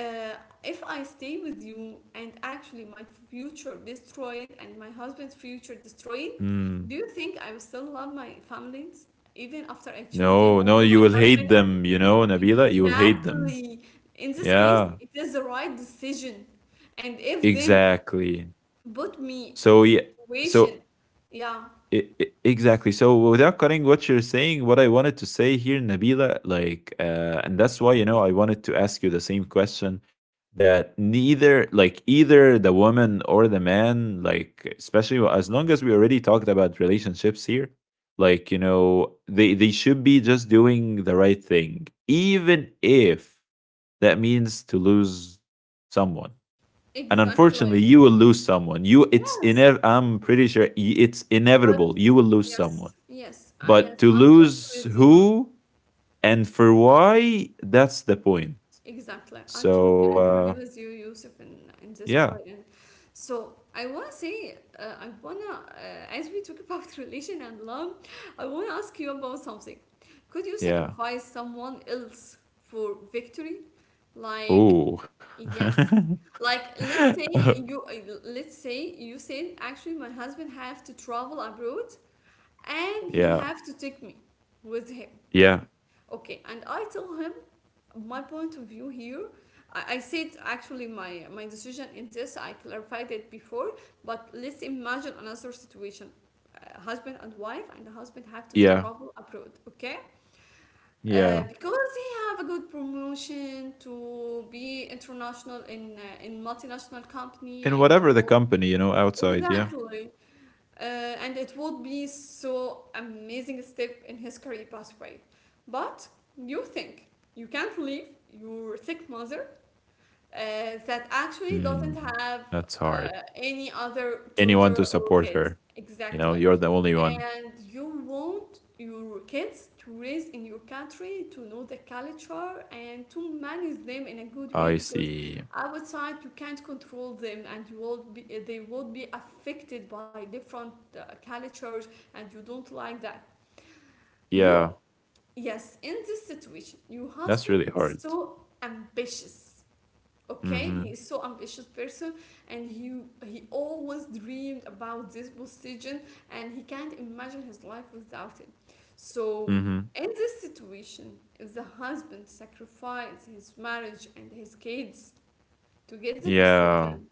Speaker 1: uh, if I stay with you and actually my future destroyed and my husband's future destroyed,
Speaker 2: Mm.
Speaker 1: do you think I will still love my families even after I choose them
Speaker 2: No, no,
Speaker 1: over
Speaker 2: you
Speaker 1: my
Speaker 2: will hate
Speaker 1: husband? I-
Speaker 2: them, you know, Nabila. You will hate them.
Speaker 1: Exactly. In this case,
Speaker 2: Yeah,
Speaker 1: it is the right decision, and if them
Speaker 2: exactly.
Speaker 1: put me
Speaker 2: So
Speaker 1: in
Speaker 2: yeah, so
Speaker 1: situation, yeah,
Speaker 2: exactly. So without cutting what you're saying, what I wanted to say here, Nabila, like, and that's why you know I wanted to ask you the same question, that neither, like, either the woman or the man, like, especially as long as we already talked about relationships here, like, you know, they should be just doing the right thing, even if that means to lose someone. And
Speaker 1: exactly.
Speaker 2: unfortunately you will lose someone, you,
Speaker 1: Yes.
Speaker 2: I'm pretty sure it's
Speaker 1: But
Speaker 2: inevitable, you will lose someone.
Speaker 1: yes,
Speaker 2: But
Speaker 1: yes,
Speaker 2: to
Speaker 1: I'm totally
Speaker 2: lose
Speaker 1: with you.
Speaker 2: who and for why, that's the point.
Speaker 1: Exactly. I totally
Speaker 2: So uh,
Speaker 1: agree with you, Yusuf, in this
Speaker 2: yeah,
Speaker 1: point. And so I want to say, I want to, as we talk about relation and love, I want to ask you about something. Could you
Speaker 2: yeah,
Speaker 1: sacrifice someone else for victory? Like,
Speaker 2: oh,
Speaker 1: yes. Like, let's say you said, actually, my husband have to travel abroad and he
Speaker 2: yeah,
Speaker 1: have to take me with him.
Speaker 2: yeah,
Speaker 1: Okay, and I tell him my point of view here. I said actually my decision in this. I clarified it before, but let's imagine another situation. Husband and wife, and the husband have to
Speaker 2: yeah,
Speaker 1: travel abroad. Okay,
Speaker 2: yeah,
Speaker 1: because he have a good promotion to be international in multinational company
Speaker 2: in
Speaker 1: and the
Speaker 2: whatever the
Speaker 1: whole.
Speaker 2: company, you know, outside. Yeah,
Speaker 1: Exactly, and it would be so amazing step in his career pathway. But you think you can't leave your sick mother uh, that actually doesn't
Speaker 2: mm,
Speaker 1: have
Speaker 2: that's hard.
Speaker 1: any other
Speaker 2: Anyone
Speaker 1: tutor
Speaker 2: to
Speaker 1: or
Speaker 2: support
Speaker 1: kids.
Speaker 2: her, you
Speaker 1: Exactly.
Speaker 2: know, you're the only one.
Speaker 1: And you want your kids to raise in your country, to know the culture, and to manage them in a good way
Speaker 2: I
Speaker 1: because
Speaker 2: see.
Speaker 1: outside you can't control them and you will be, they will be affected by different cultures and you don't like that. You,
Speaker 2: Yeah,
Speaker 1: yes, in this situation, your husband
Speaker 2: that's really
Speaker 1: is
Speaker 2: hard.
Speaker 1: so ambitious, okay, he
Speaker 2: Mhm.
Speaker 1: is so ambitious person, and he always dreamed about this position and he can't imagine his life without it. So
Speaker 2: Mhm.
Speaker 1: in this situation, if the husband sacrifices his marriage and his kids to get the
Speaker 2: Yeah.
Speaker 1: position,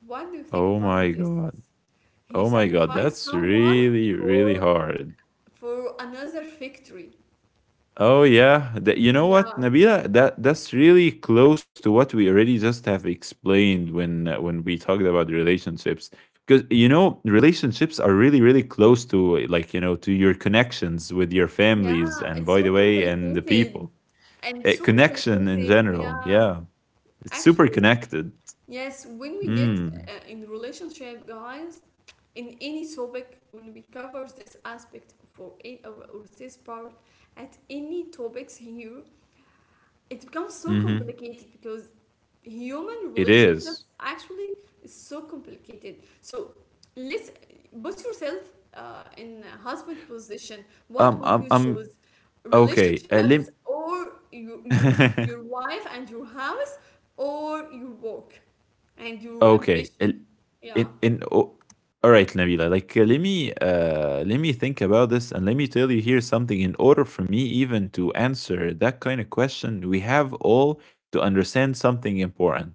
Speaker 1: what do you think
Speaker 2: Oh my
Speaker 1: about this?
Speaker 2: god.
Speaker 1: He
Speaker 2: Oh my god.
Speaker 1: sacrificed
Speaker 2: That's
Speaker 1: someone
Speaker 2: really, really
Speaker 1: for
Speaker 2: hard.
Speaker 1: for another victory.
Speaker 2: Oh yeah. That, you know what,
Speaker 1: Yeah,
Speaker 2: Nabila? That that's really close to what we already just have explained when we talked about relationships. Because you know, relationships are really, really close to like, you know, to your connections with your
Speaker 1: yeah,
Speaker 2: families and,
Speaker 1: it's
Speaker 2: by the
Speaker 1: so
Speaker 2: way, and the
Speaker 1: complicated,
Speaker 2: people.
Speaker 1: and so
Speaker 2: Connection in
Speaker 1: complicated,
Speaker 2: general.
Speaker 1: yeah.
Speaker 2: Yeah, it's super
Speaker 1: Actually,
Speaker 2: connected.
Speaker 1: yes, when we get
Speaker 2: Mm.
Speaker 1: in relationship, guys, in any topic, when we cover this aspect for any, or this part, at any topics here, it becomes so
Speaker 2: Mhm.
Speaker 1: complicated because human
Speaker 2: It is.
Speaker 1: relationships actually is so complicated. So let's put yourself in a husband position. What
Speaker 2: Um,
Speaker 1: would you
Speaker 2: um, um,
Speaker 1: choose?
Speaker 2: okay.
Speaker 1: Relationships or your your wife and your house or your work and your
Speaker 2: Okay.
Speaker 1: ambition? Yeah.
Speaker 2: In, in, oh, all right, Nabila. Like, let me think about this, and let me tell you here something. In order for me even to answer that kind of question, we have all to understand something important.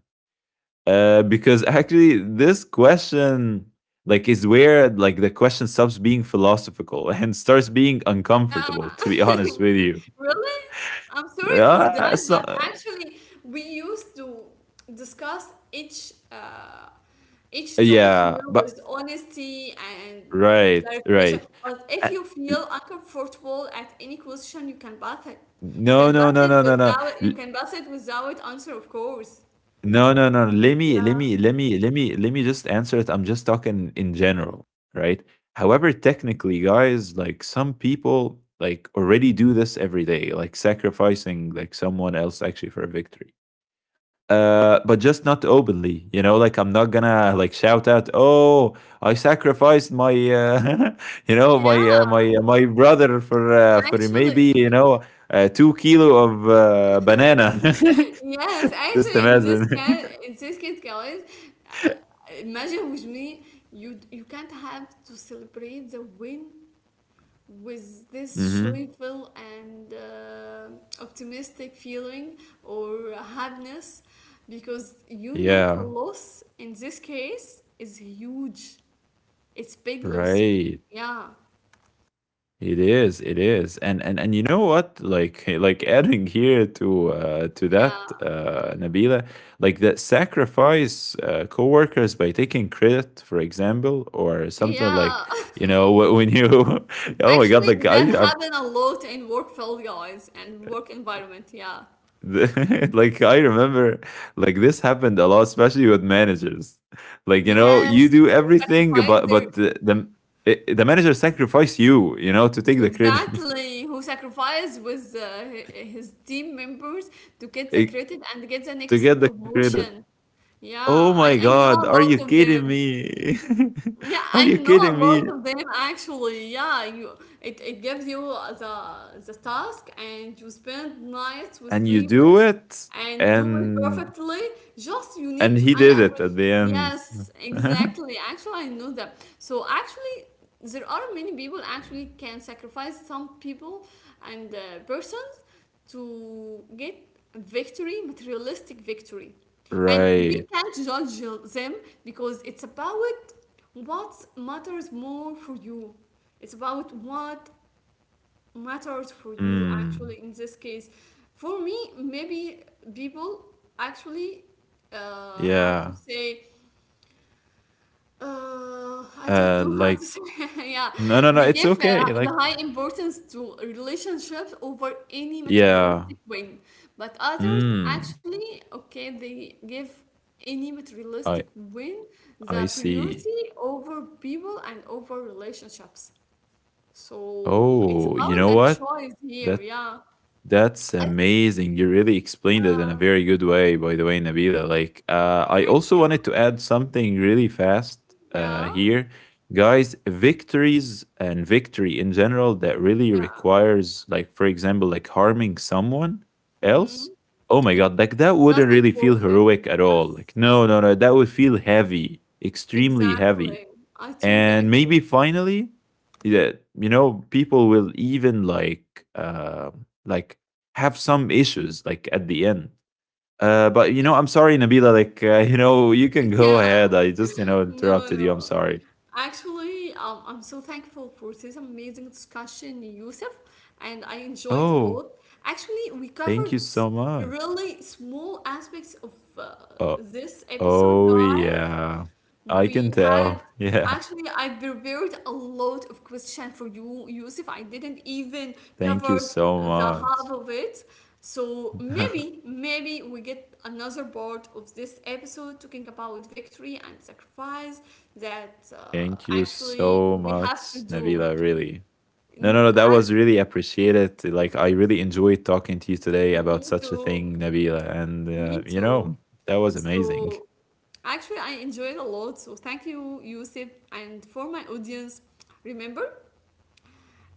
Speaker 2: Because actually, this question, like, is where, like, the question stops being philosophical and starts being
Speaker 1: Yeah,
Speaker 2: uncomfortable. To be honest with you,
Speaker 1: really? I'm sorry for that,
Speaker 2: uh,
Speaker 1: but
Speaker 2: so, uh,
Speaker 1: actually, we used to discuss each topic here
Speaker 2: yeah,
Speaker 1: with
Speaker 2: but
Speaker 1: honesty and
Speaker 2: right,
Speaker 1: clarification.
Speaker 2: right.
Speaker 1: But if
Speaker 2: Uh,
Speaker 1: you
Speaker 2: l
Speaker 1: feel uncomfortable at any question, you can pass it. You
Speaker 2: No,
Speaker 1: can
Speaker 2: no,
Speaker 1: pass
Speaker 2: no,
Speaker 1: it
Speaker 2: no, no, no.
Speaker 1: without
Speaker 2: L
Speaker 1: answer, of course.
Speaker 2: No, no, no. Let me let
Speaker 1: Yeah.
Speaker 2: me let me let me let me just answer it. I'm just talking in general, right? However, technically, guys, like, some people like already do this every day, like sacrificing like someone else actually for a victory. But just not openly. You know, like, I'm not gonna like shout out, "Oh, I sacrificed my, you know,
Speaker 1: Yeah,
Speaker 2: my brother for
Speaker 1: actually.
Speaker 2: maybe, you know, 2 kilo of banana."
Speaker 1: Yes,
Speaker 2: Just
Speaker 1: actually,
Speaker 2: imagine.
Speaker 1: in this case, guys, imagine with me, you can't have to celebrate the win with this
Speaker 2: Hmm.
Speaker 1: joyful and optimistic feeling or happiness, because you know the
Speaker 2: Yeah.
Speaker 1: loss in this case is huge. It's big loss.
Speaker 2: Right.
Speaker 1: Yeah,
Speaker 2: It is, and and you know what? Like like adding here to that,
Speaker 1: yeah,
Speaker 2: Nabila, like that sacrifice coworkers by taking credit, for example, or something like,
Speaker 1: yeah.
Speaker 2: you know, when you, oh my God,
Speaker 1: Actually,
Speaker 2: like
Speaker 1: that
Speaker 2: I
Speaker 1: happened a lot in work field, guys, and work environment. Yeah.
Speaker 2: like I remember, like this happened a lot, especially with managers. Like, you know,
Speaker 1: Yes,
Speaker 2: you do
Speaker 1: who
Speaker 2: everything, but
Speaker 1: sacrificed their
Speaker 2: it, the manager sacrifice you, you know, to take the credit,
Speaker 1: exactly who sacrificed with his team members to get the
Speaker 2: it-
Speaker 1: credit and get the
Speaker 2: to
Speaker 1: next
Speaker 2: get the credit.
Speaker 1: promotion. Yeah,
Speaker 2: Oh my
Speaker 1: I
Speaker 2: god,
Speaker 1: know
Speaker 2: are
Speaker 1: a
Speaker 2: you
Speaker 1: lot of
Speaker 2: kidding
Speaker 1: them.
Speaker 2: me?
Speaker 1: Yeah,
Speaker 2: Are you
Speaker 1: I know
Speaker 2: kidding
Speaker 1: a
Speaker 2: me?
Speaker 1: lot of them actually. Yeah, you it gives you the task and you spend nights with
Speaker 2: And you do
Speaker 1: sleepless
Speaker 2: it,
Speaker 1: and do it
Speaker 2: and
Speaker 1: perfectly. Just you need to
Speaker 2: he
Speaker 1: and
Speaker 2: did it at
Speaker 1: appreciate.
Speaker 2: the end.
Speaker 1: Yes, exactly. Actually, I know that. So actually, there are many people actually can sacrifice some people and persons to get victory, materialistic victory. And we
Speaker 2: Right.
Speaker 1: can't judge them because it's about what matters more for you. It's about what matters for you,
Speaker 2: Mm.
Speaker 1: actually, in this case. For me, maybe people actually, uh, how
Speaker 2: Yeah.
Speaker 1: to say, I don't
Speaker 2: Uh
Speaker 1: know how
Speaker 2: like
Speaker 1: to say. yeah,
Speaker 2: no, no, no,
Speaker 1: they give
Speaker 2: it's okay.
Speaker 1: the
Speaker 2: Like,
Speaker 1: high importance to relationships over any
Speaker 2: yeah.
Speaker 1: materialistic win, but others
Speaker 2: Mm.
Speaker 1: actually, okay, they give any materialistic
Speaker 2: I
Speaker 1: win
Speaker 2: I
Speaker 1: the
Speaker 2: see.
Speaker 1: priority over people and over relationships. So it's
Speaker 2: Oh,
Speaker 1: about
Speaker 2: you know
Speaker 1: that
Speaker 2: what?
Speaker 1: choice here.
Speaker 2: That
Speaker 1: Yeah,
Speaker 2: That's
Speaker 1: I
Speaker 2: amazing. You really explained it
Speaker 1: yeah.
Speaker 2: in a very good way, by the way, Nabila. Like, I
Speaker 1: Thank
Speaker 2: also
Speaker 1: you.
Speaker 2: wanted to add something really fast
Speaker 1: Yeah,
Speaker 2: here. Guys, victories and victory in general that really
Speaker 1: yeah.
Speaker 2: requires, like, for example, like harming someone
Speaker 1: Mm.
Speaker 2: else. Oh my
Speaker 1: It
Speaker 2: God, like that wouldn't
Speaker 1: doesn't
Speaker 2: really feel
Speaker 1: worth it.
Speaker 2: heroic at all. Like,
Speaker 1: Yes.
Speaker 2: no, no, no, that would feel heavy, extremely heavy,
Speaker 1: Exactly. I totally
Speaker 2: and maybe
Speaker 1: agree.
Speaker 2: finally, yeah, you know, people will even like have some issues like at the end. But, you
Speaker 1: Yes.
Speaker 2: know, I'm sorry, Nabila, like you know, you can go
Speaker 1: Yeah.
Speaker 2: ahead, I just, you know,
Speaker 1: No,
Speaker 2: interrupted you, I'm
Speaker 1: no.
Speaker 2: sorry.
Speaker 1: Actually, I'm so thankful for this amazing discussion, Yusuf, and I enjoyed a
Speaker 2: Oh,
Speaker 1: lot. Actually, we
Speaker 2: thank
Speaker 1: covered
Speaker 2: you
Speaker 1: s-
Speaker 2: so much.
Speaker 1: really small aspects of
Speaker 2: Oh,
Speaker 1: this
Speaker 2: oh
Speaker 1: episode, guys.
Speaker 2: yeah, I can
Speaker 1: We
Speaker 2: tell.
Speaker 1: had
Speaker 2: Yeah.
Speaker 1: actually I prepared a lot of questions for you, Yusuf. I didn't even
Speaker 2: Thank you
Speaker 1: covered
Speaker 2: so
Speaker 1: the
Speaker 2: much.
Speaker 1: half of it. So maybe we get another part of this episode talking about victory and sacrifice that
Speaker 2: Thank you so
Speaker 1: actually we have
Speaker 2: much,
Speaker 1: to do.
Speaker 2: Nabila, really. No, no,
Speaker 1: Mm,
Speaker 2: no. That
Speaker 1: act-
Speaker 2: was really appreciated. Like, I really enjoyed talking to you today
Speaker 1: Me
Speaker 2: about such a
Speaker 1: too,
Speaker 2: thing, Nabila. And,
Speaker 1: me
Speaker 2: you
Speaker 1: too.
Speaker 2: know, that was amazing.
Speaker 1: So actually, I enjoyed a lot, so thank you, Yusuf, and for my audience. Remember,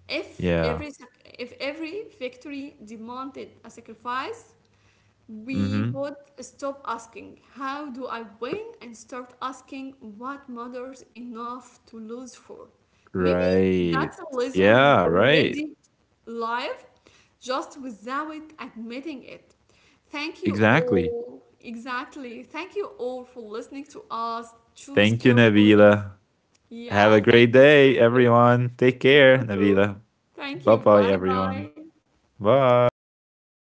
Speaker 1: if
Speaker 2: Yeah.
Speaker 1: every victory demanded a sacrifice, we
Speaker 2: Mm-hmm.
Speaker 1: would stop asking how do I win and start asking what matters enough to lose for. Maybe
Speaker 2: Right.
Speaker 1: that's a lesson we
Speaker 2: Yeah, right.
Speaker 1: already live, just without admitting it. Thank you
Speaker 2: Exactly.
Speaker 1: all. Exactly. Thank you all for listening to us. Choose
Speaker 2: Thank you,
Speaker 1: carefully.
Speaker 2: Nabila.
Speaker 1: Yeah.
Speaker 2: Have a
Speaker 1: Thank
Speaker 2: great
Speaker 1: you.
Speaker 2: day, everyone. Take
Speaker 1: You
Speaker 2: care,
Speaker 1: too.
Speaker 2: Nabila.
Speaker 1: Thank you.
Speaker 2: Bye
Speaker 1: Bye
Speaker 2: bye,
Speaker 1: bye.
Speaker 2: everyone. Bye.